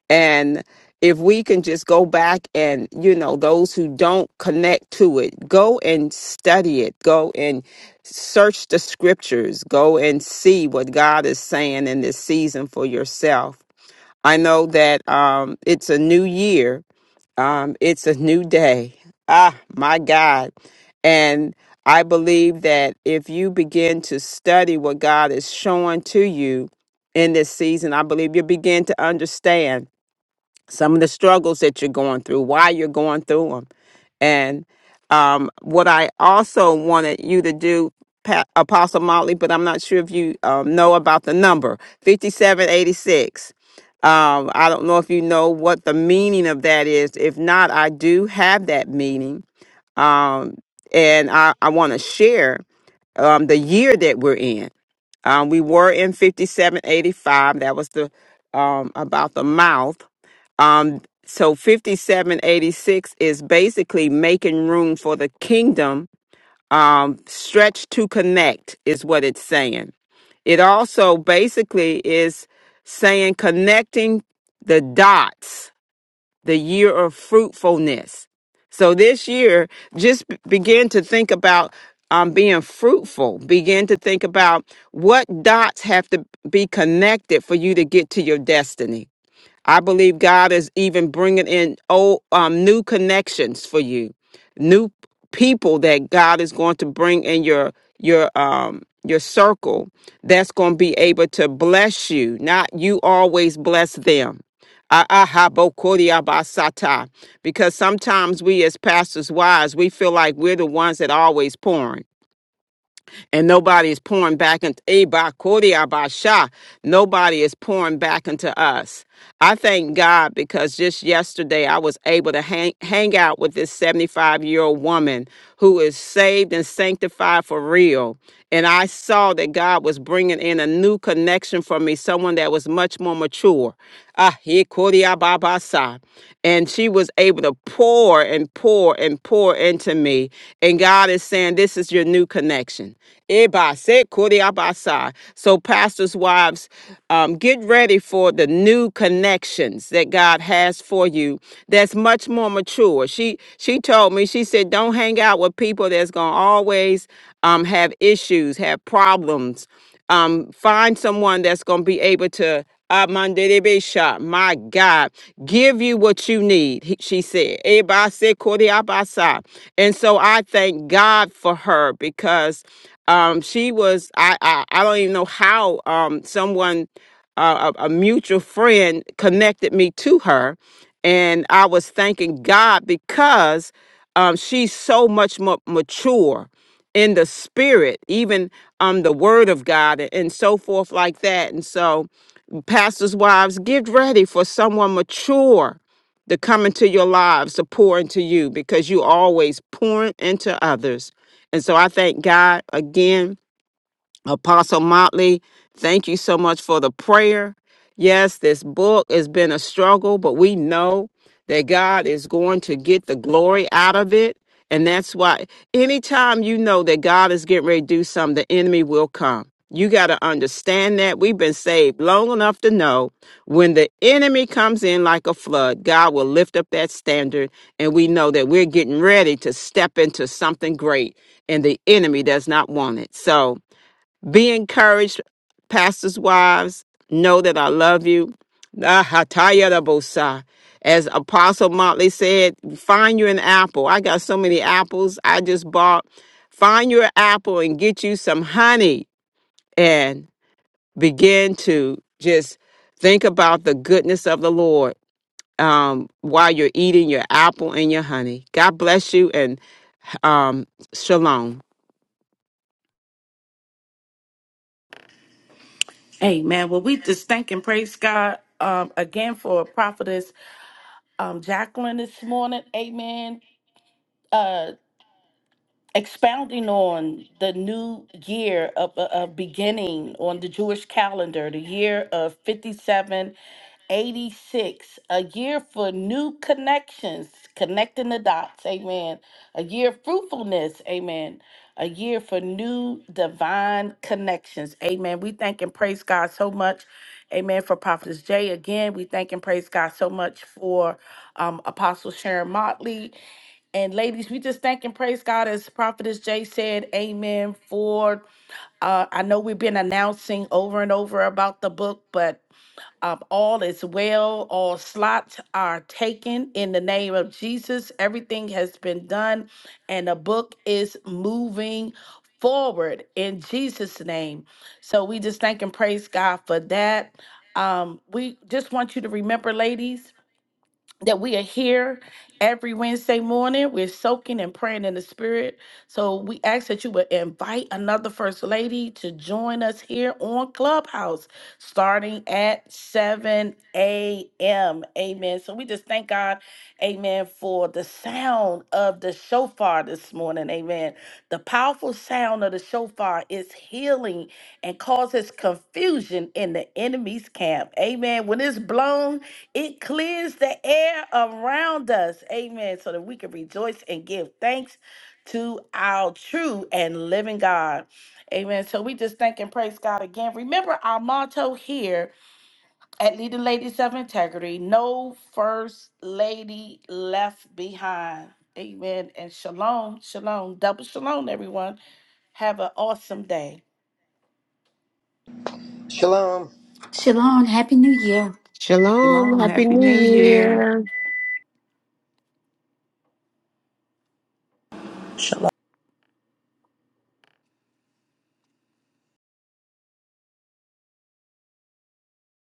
Speaker 5: and if we can just go back and, you know, those who don't connect to it, go and study it, go and search the scriptures, go and see what God is saying in this season for yourself. I know that um, it's a new year, um, it's a new day. Ah, my God. And I believe that if you begin to study what God is showing to you in this season, I believe you begin to understand some of the struggles that you're going through, why you're going through them. And um, what I also wanted you to do, Pa- Apostle Motley, but I'm not sure if you um, know about the number 5786. Um, I don't know if you know what the meaning of that is. If not, I do have that meaning. Um, and I, I want to share um, the year that we're in. Um, we were in 5785. That was the um, about the mouth um, so 5786 is basically making room for the kingdom, um, stretch to connect is what it's saying. It also basically is saying connecting the dots, the year of fruitfulness. So this year, just b- begin to think about um, being fruitful. Begin to think about what dots have to be connected for you to get to your destiny I believe God is even bringing in old, um, new connections for you, new people that God is going to bring in your your um your circle that's going to be able to bless you. Not you always bless them. Ah, ah, ha, bo, ko, di, ah, ba, sa, ta. Because sometimes we as pastors' wives, we feel like we're the ones that are always pouring and nobody is pouring back into Abasha. Nobody is pouring back into us. I thank God because just yesterday I was able to hang, hang out with this 75 year old woman who is saved and sanctified for real and I saw that God was bringing in a new connection for me, someone that was much more mature. Ah, he kodia baba sa. And she was able to pour and pour and pour into me. And God is saying, This is your new connection. Eba se kodia ba sa. So, pastors' wives, um, get ready for the new connections that God has for you that's much more mature. She she told me, she said, Don't hang out with people that's gonna always um, have issues, have problems. Um, find someone that's going to be able to, Amandelebesha, my God, give you what you need, he- she said. Ebase koreabasa. And so I thank God for her because um, she was, I, I, I don't even know how um, someone, uh, a, a mutual friend, connected me to her. And I was thanking God because um, she's so much more mature in the spirit, even um the word of God and so forth like that. And so, pastors' wives, get ready for someone mature to come into your lives to pour into you because you always pouring into others. And so I thank God again Apostle Motley, thank you so much for the prayer. Yes, this book has been a struggle, but we know that God is going to get the glory out of it. And that's why anytime you know that God is getting ready to do something, the enemy will come. You got to understand that. We've been saved long enough to know when the enemy comes in like a flood, God will lift up that standard. And we know that we're getting ready to step into something great, and the enemy does not want it. So, be encouraged, pastors' wives. Know that I love you. Ah, hataya da bosa. As Apostle Motley said, find you an apple. I got so many apples I just bought. Find you an apple and get you some honey and begin to just think about the goodness of the Lord um, while you're eating your apple and your honey. God bless you and um, shalom.
Speaker 2: Amen. Well, we just thank and praise God um, again for Prophetess. um Jacqueline this morning. Amen. Uh expounding on the new year of, of of beginning on the Jewish calendar, the year of 5786, a year for new connections, connecting the dots, amen. A year of fruitfulness, amen. A year for new divine connections, amen. We thank and praise God so much. Amen. For Prophetess Jay, again, we thank and praise God so much for um, Apostle Sharon Motley. And ladies, we just thank and praise God as Prophetess Jay said, Amen. For uh, I know we've been announcing over and over about the book, but um, all is well. All slots are taken in the name of Jesus. Everything has been done, and the book is moving forward in Jesus' name. So we just thank and praise God for that. Um, we just want you to remember, ladies that we are here every Wednesday morning. We're soaking and praying in the spirit. So we ask that you would invite another first lady to join us here on Clubhouse starting at 7 a.m. Amen. So we just thank God, amen, for the sound of the shofar this morning. Amen. The powerful sound of the shofar is healing and causes confusion in the enemy's camp. Amen. When it's blown, it clears the air around us. Amen. So that we can rejoice and give thanks to our true and living God. Amen. So we just thank and praise God again. Remember our motto here at Leading Ladies of Integrity no first lady left behind. Amen. And shalom, shalom, double shalom, everyone. Have an awesome day.
Speaker 4: Shalom.
Speaker 10: Shalom,
Speaker 5: Shalom.
Speaker 10: Happy
Speaker 5: Happy
Speaker 10: New
Speaker 5: New Year.
Speaker 10: Year.
Speaker 7: Father.